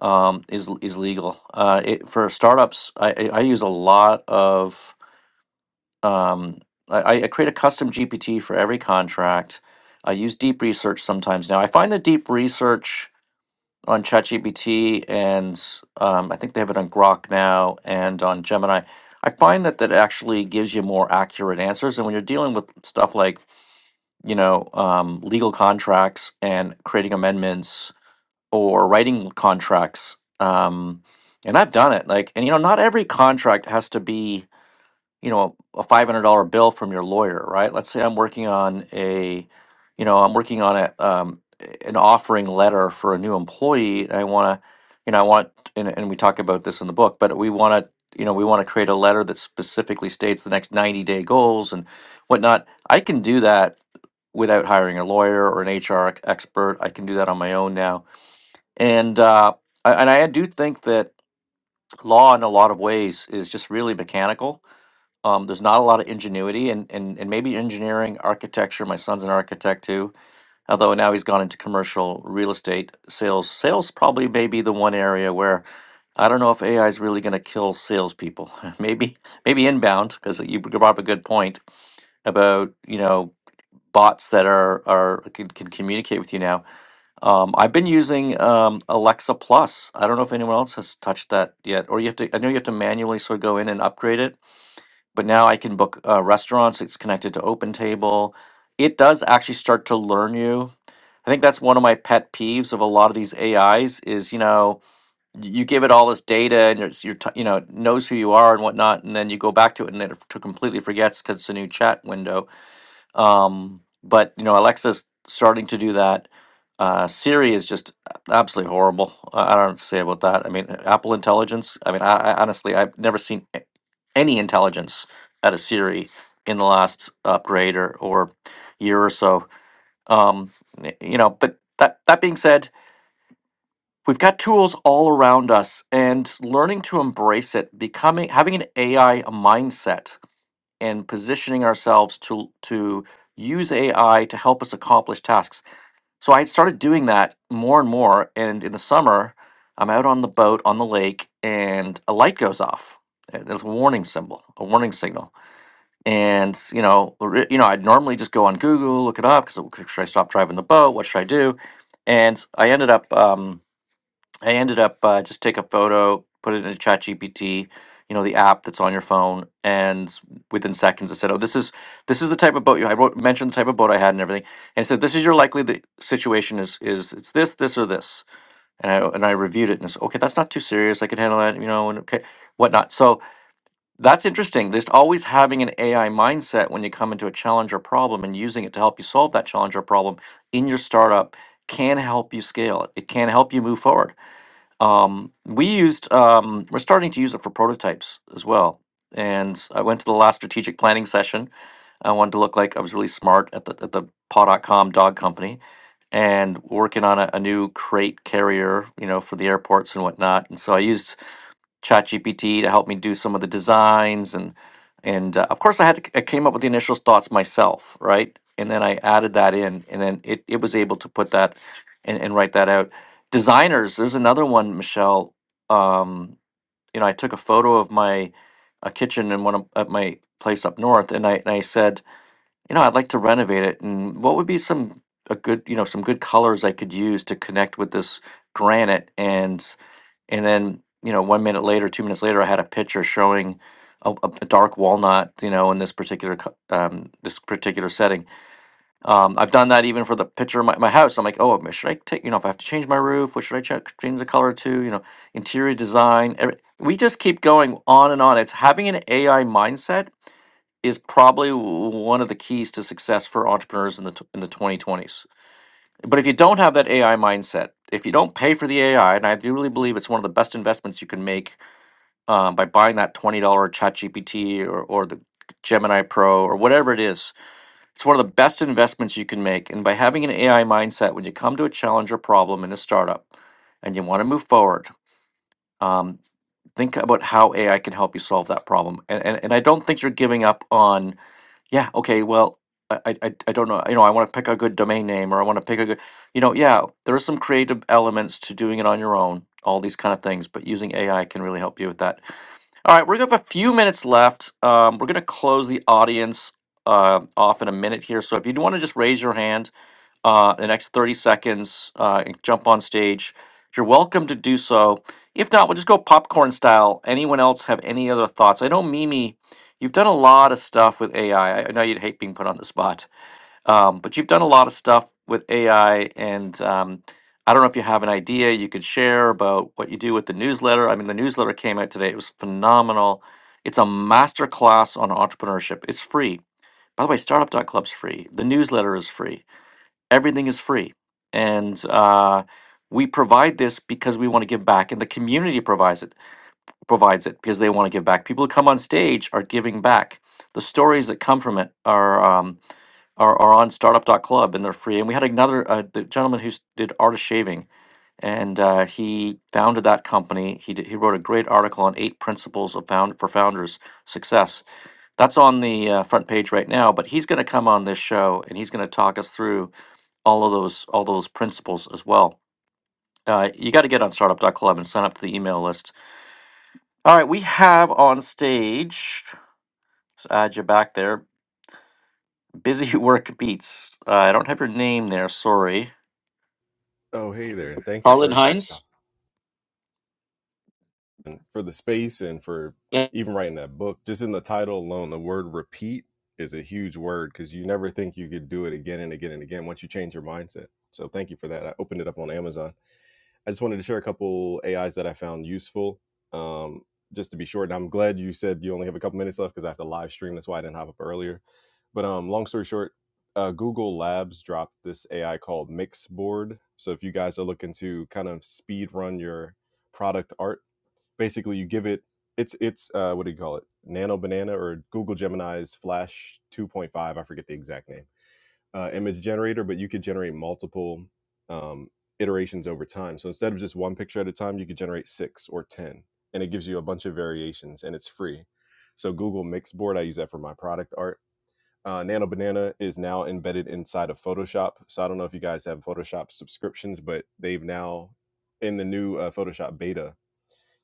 S1: um, is l- is legal. Uh, it, for startups, I, I I use a lot of. Um, I, I create a custom GPT for every contract. I use deep research sometimes now. I find that deep research on ChatGPT and um, I think they have it on Grok now and on Gemini. I find that that actually gives you more accurate answers. And when you're dealing with stuff like, you know, um, legal contracts and creating amendments or writing contracts, um, and I've done it, like, and you know, not every contract has to be you know a five hundred dollar bill from your lawyer, right? Let's say I'm working on a, you know, I'm working on a um, an offering letter for a new employee. And I want to, you know, I want, and, and we talk about this in the book, but we want to, you know, we want to create a letter that specifically states the next ninety day goals and whatnot. I can do that without hiring a lawyer or an HR ex- expert. I can do that on my own now, and uh, I- and I do think that law in a lot of ways is just really mechanical um, there's not a lot of ingenuity and, and, and maybe engineering, architecture. My son's an architect too, although now he's gone into commercial real estate sales. Sales probably may be the one area where I don't know if AI is really going to kill salespeople. maybe maybe inbound because you brought up a good point about you know bots that are are can, can communicate with you now. Um, I've been using um, Alexa Plus. I don't know if anyone else has touched that yet, or you have to. I know you have to manually sort of go in and upgrade it but now I can book uh, restaurants. It's connected to OpenTable. It does actually start to learn you. I think that's one of my pet peeves of a lot of these AIs is is, you know y- you give it all this data and it's your t- you know it knows who you are and whatnot, and then you go back to it and then it f- to completely forgets because it's a new chat window um, but you know, Alexa's starting to do that. Uh, Siri is just absolutely horrible. I I don't know what to say about that. I mean, Apple Intelligence. I mean, I, I honestly, I've never seen a- any intelligence out of Siri in the last upgrade or, or year or so. Um, y- you know, but that that being said, we've got tools all around us, and learning to embrace it, becoming having an AI mindset and positioning ourselves to to use AI to help us accomplish tasks. So I started doing that more and more. And in the summer, I'm out on the boat on the lake, and a light goes off. Uh, There's a warning symbol, a warning signal, and you know, ri- you know, I'd normally just go on Google, look it up, because should I stop driving the boat? What should I do? And I ended up. Um, I ended up uh, just take a photo, put it in ChatGPT, you know, the app that's on your phone, and within seconds, I said, "Oh, this is this is the type of boat you." I wrote, mentioned the type of boat I had and everything, and it said, "This is your likely the situation is is it's this, this, or this." And I and I reviewed it and said, okay, that's not too serious. I could handle that, you know, and okay, whatnot. So that's interesting. Just always having an AI mindset when you come into a challenge or problem and using it to help you solve that challenge or problem in your startup can help you scale it. It can help you move forward um, we used, um, we're starting to use it for prototypes as well. And I went to the last strategic planning session. I wanted to look like I was really smart at the, at the paw dot com dog company and working on a, a new crate carrier, you know, for the airports and whatnot. And so I used ChatGPT to help me do some of the designs and and uh, of course I had to, I came up with the initial thoughts myself, right? And then I added that in, and then it, it was able to put that and, and write that out. Designers, there's another one, Michelle. Um, you know, I took a photo of my a kitchen in one of, at my place up north, and I and I said, you know, I'd like to renovate it, and what would be some a good you know some good colors I could use to connect with this granite and and then you know one minute later two minutes later i had a picture showing a, a a dark walnut you know in this particular co- um, this particular setting um, i've done that even for the picture of my, my house i'm like oh um, should i take you know if i have to change my roof what should i check change the color to you know interior design every, we just keep going on and on it's having an ai mindset is probably w- one of the keys to success for entrepreneurs in the tw- in the 2020s but if you don't have that ai mindset if you don't pay for the ai and i do really believe it's one of the best investments you can make um, by buying that $20 ChatGPT or, or the Gemini Pro or whatever it is. It's one of the best investments you can make. And by having an AI mindset, when you come to a challenge or problem in a startup and you want to move forward, um, think about how AI can help you solve that problem. And, and, and I don't think you're giving up on, yeah, okay, well, I, I, I I don't know, you know, I want to pick a good domain name or I want to pick a good, you know, yeah, there are some creative elements to doing it on your own, all these kind of things, but using AI can really help you with that all right, we're gonna have a few minutes left. Um, we're gonna close the audience uh, off in a minute here. So if you want to just raise your hand uh, the next 30 seconds uh, and jump on stage, you're welcome to do so. If not, we'll just go popcorn style. Anyone else have any other thoughts? I know Mimi, you've done a lot of stuff with AI. I I I know you'd hate being put on the spot. Um, but you've done a lot of stuff with AI, and um, I don't know if you have an idea you could share about what you do with the newsletter. I mean, the newsletter came out today; it was phenomenal. It's a master class on entrepreneurship. It's free, by the way. Startup.club's free. The newsletter is free. Everything is free, and uh, we provide this because we want to give back, and the community provides it. Provides it because they want to give back. People who come on stage are giving back. The stories that come from it are. Um, are, are on Startup dot Club and they're free. And we had another uh, the gentleman who s- did artist shaving and uh, he founded that company. He did, he wrote a great article on eight principles of found for founders success. That's on the uh, front page right now. But he's going to come on this show and he's going to talk us through all of those all those principles as well. Uh, you got to get on Startup dot Club and sign up to the email list. All right, we have on stage. Let's add you back there. Busy work beats. Uh, I don't have your name there. Sorry,
S8: Oh, hey there, and thank you
S1: Harlan
S8: firstly.
S1: Hines.
S8: Colin for the space and for
S1: Yeah.
S8: even writing that book. Just in the title alone, the word repeat is a huge word because you never think you could do it again and again and again once you change your mindset. So thank you for that. I opened it up on Amazon. I just wanted to share a couple AIs that I found useful. Um, just to be short, and I'm glad you said you only have a couple minutes left because I have to live stream. That's why I didn't hop up earlier. But um, long story short, uh, Google Labs dropped this AI called Mixboard. So if you guys are looking to kind of speed run your product art, basically you give it it's it's uh, what do you call it nano banana or google gemini's flash 2.5 i forget the exact name uh, image generator but you could generate multiple um, iterations over time so instead of just one picture at a time you could generate six or ten and it gives you a bunch of variations and it's free so google mixboard i use that for my product art uh, nano banana is now embedded inside of photoshop so i don't know if you guys have photoshop subscriptions but they've now in the new uh, photoshop beta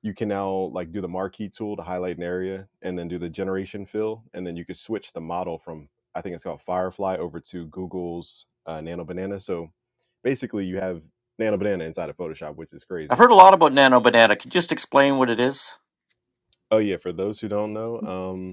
S8: you can now like do the marquee tool to highlight an area and then do the generation fill and then you can switch the model from i think it's called firefly over to google's uh, nano banana so basically you have nano banana inside of photoshop which is
S1: I've
S8: crazy
S1: heard a lot about Nano Banana. Can you just explain what it is?
S8: oh yeah for those who don't know um,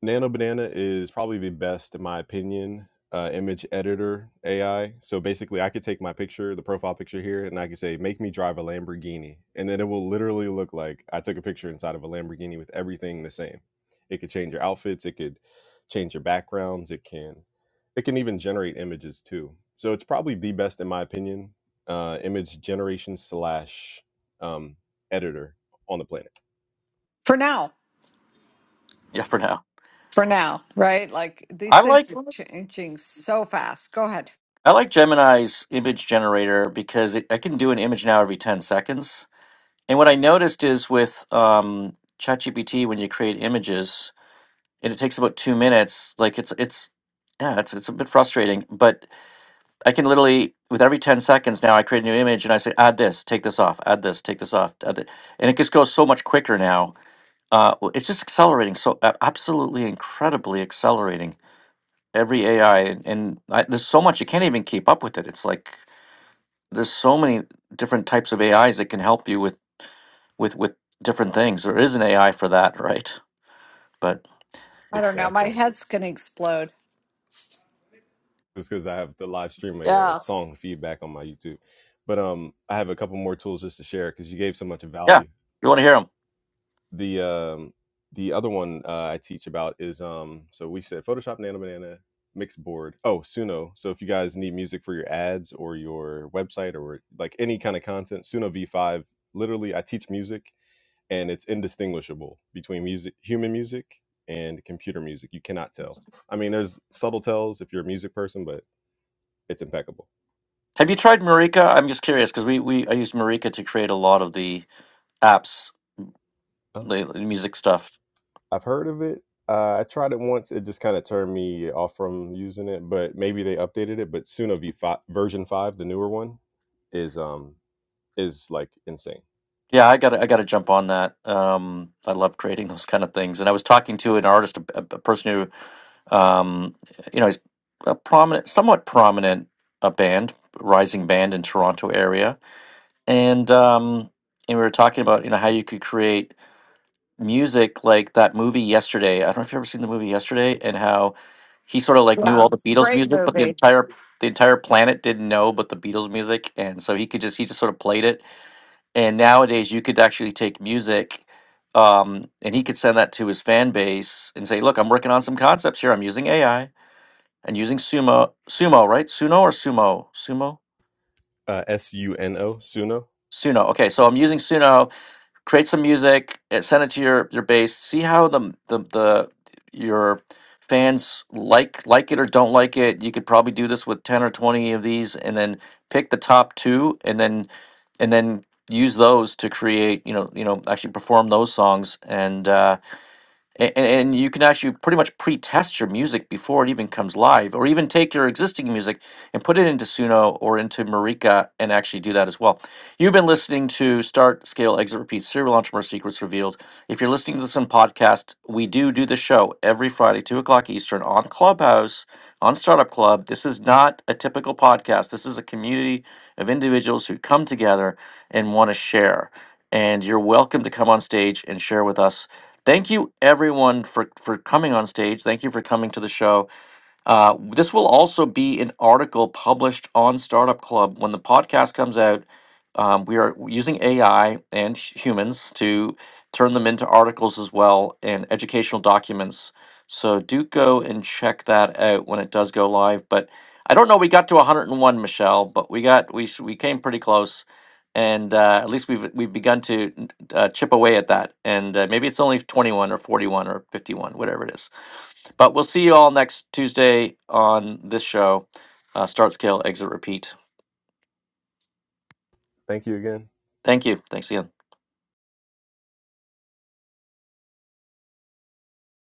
S8: Nano Banana is probably the best, in my opinion, uh, image editor AI. So basically, I could take my picture, the profile picture here, and I could say, make me drive a Lamborghini. And then it will literally look like I took a picture inside of a Lamborghini with everything the same. It could change your outfits, it could change your backgrounds, it can. It can even generate images too. So it's probably the best, in my opinion, uh, image generation slash um, editor on the planet.
S2: For now,
S1: Yeah, for now.
S2: for now, right? Like these
S1: I like
S2: things are changing so fast. Go ahead.
S1: I like Gemini's image generator because it, I can do an image now every 10 seconds. And what I noticed is with um, ChatGPT, when you create images, and it takes about two minutes, like it's it's yeah, it's it's a bit frustrating. But I can literally with every 10 seconds now, I create a new image and I say add this, take this off, add this, take this off, add thi-" and it just goes so much quicker now. uh, w- it's just accelerating so a- absolutely incredibly accelerating every ai and, and I, there's so much you can't even keep up with it it's like there's so many different types of ais that can help you with with with different things there is an ai for that right but
S2: I don't know. My
S8: Exactly.
S2: head's going to explode.
S8: It's because I have to live stream a uh,
S2: Yeah.
S8: song feedback on my YouTube. But um, I have a couple more tools just to share because you gave so much
S1: yeah
S8: value.
S1: you want to hear them
S8: The um, the other one uh, I teach about is um, so we said Photoshop, Nano Banana, Mixboard. Oh, Suno. So if you guys need music for your ads or your website or like any kind of content, Suno V5. Literally, I teach music, and it's indistinguishable between music, human music, and computer music. You cannot tell. I mean, there's subtle tells if you're a music person, but it's impeccable.
S1: have you tried marika i'm just curious because we, we i use marika to create a lot of the apps
S8: Uh,
S1: the the music stuff
S8: I've heard of it. Uh, I tried it once. It just kind of turned me off from using it, but maybe they updated it. But Suno V5 version five, the newer one, is um is like insane.
S1: Yeah, I got I got to jump on that. Um, I love creating those kind of things, and I was talking to an artist, a, a a person who, um, you know, he's a prominent, somewhat prominent, a band, rising band in Toronto area, and um, and we were talking about you know how you could create music like that movie yesterday. I don't know if you've ever seen the movie yesterday, and how he sort of like knew
S2: Yeah.
S1: all the Beatles
S2: Great
S1: music, but the
S2: movie.
S1: entire the entire planet didn't know but the Beatles music, and so he could just he just sort of played it and nowadays you could actually take music um, and he could send that to his fan base and say look i'm working on some concepts here i'm using ai and using sumo sumo right suno or sumo sumo
S8: Uh, S U N O Suno. Suno.
S1: suno okay so i'm using suno create some music and send it to your your base see how the the, the your fans like like it or don't like it you could probably do this with 10 or 20 of these and then pick the top two and then and then use those to create you know you know actually perform those songs and uh, and, and you can actually pretty much pre-test your music before it even comes live or even take your existing music and put it into suno or into marika and actually do that as well you've been listening to start scale exit repeat serial entrepreneur secrets revealed if you're listening to this on podcast we do do the show every friday 2 o'clock eastern on clubhouse on startup club this is not a typical podcast this is a community of individuals who come together and want to share and you're welcome to come on stage and share with us Thank you everyone for for coming on stage. Thank you for coming to the show. Uh, this will also be an article published on Startup Club when the podcast comes out. Um, we are using AI and hu- humans to turn them into articles as well and educational documents. So do go and check that out when it does go live. But I don't know. We got to 101, Michelle, but we got we s- we came pretty close, and uh, at least we've we've begun to n- uh, chip away at that. And uh, maybe it's only 21 or 41 or 51, whatever it is. But we'll see you all next Tuesday on this show. Uh, start, scale, exit, repeat.
S8: Thank you again.
S1: Thank you. Thanks again.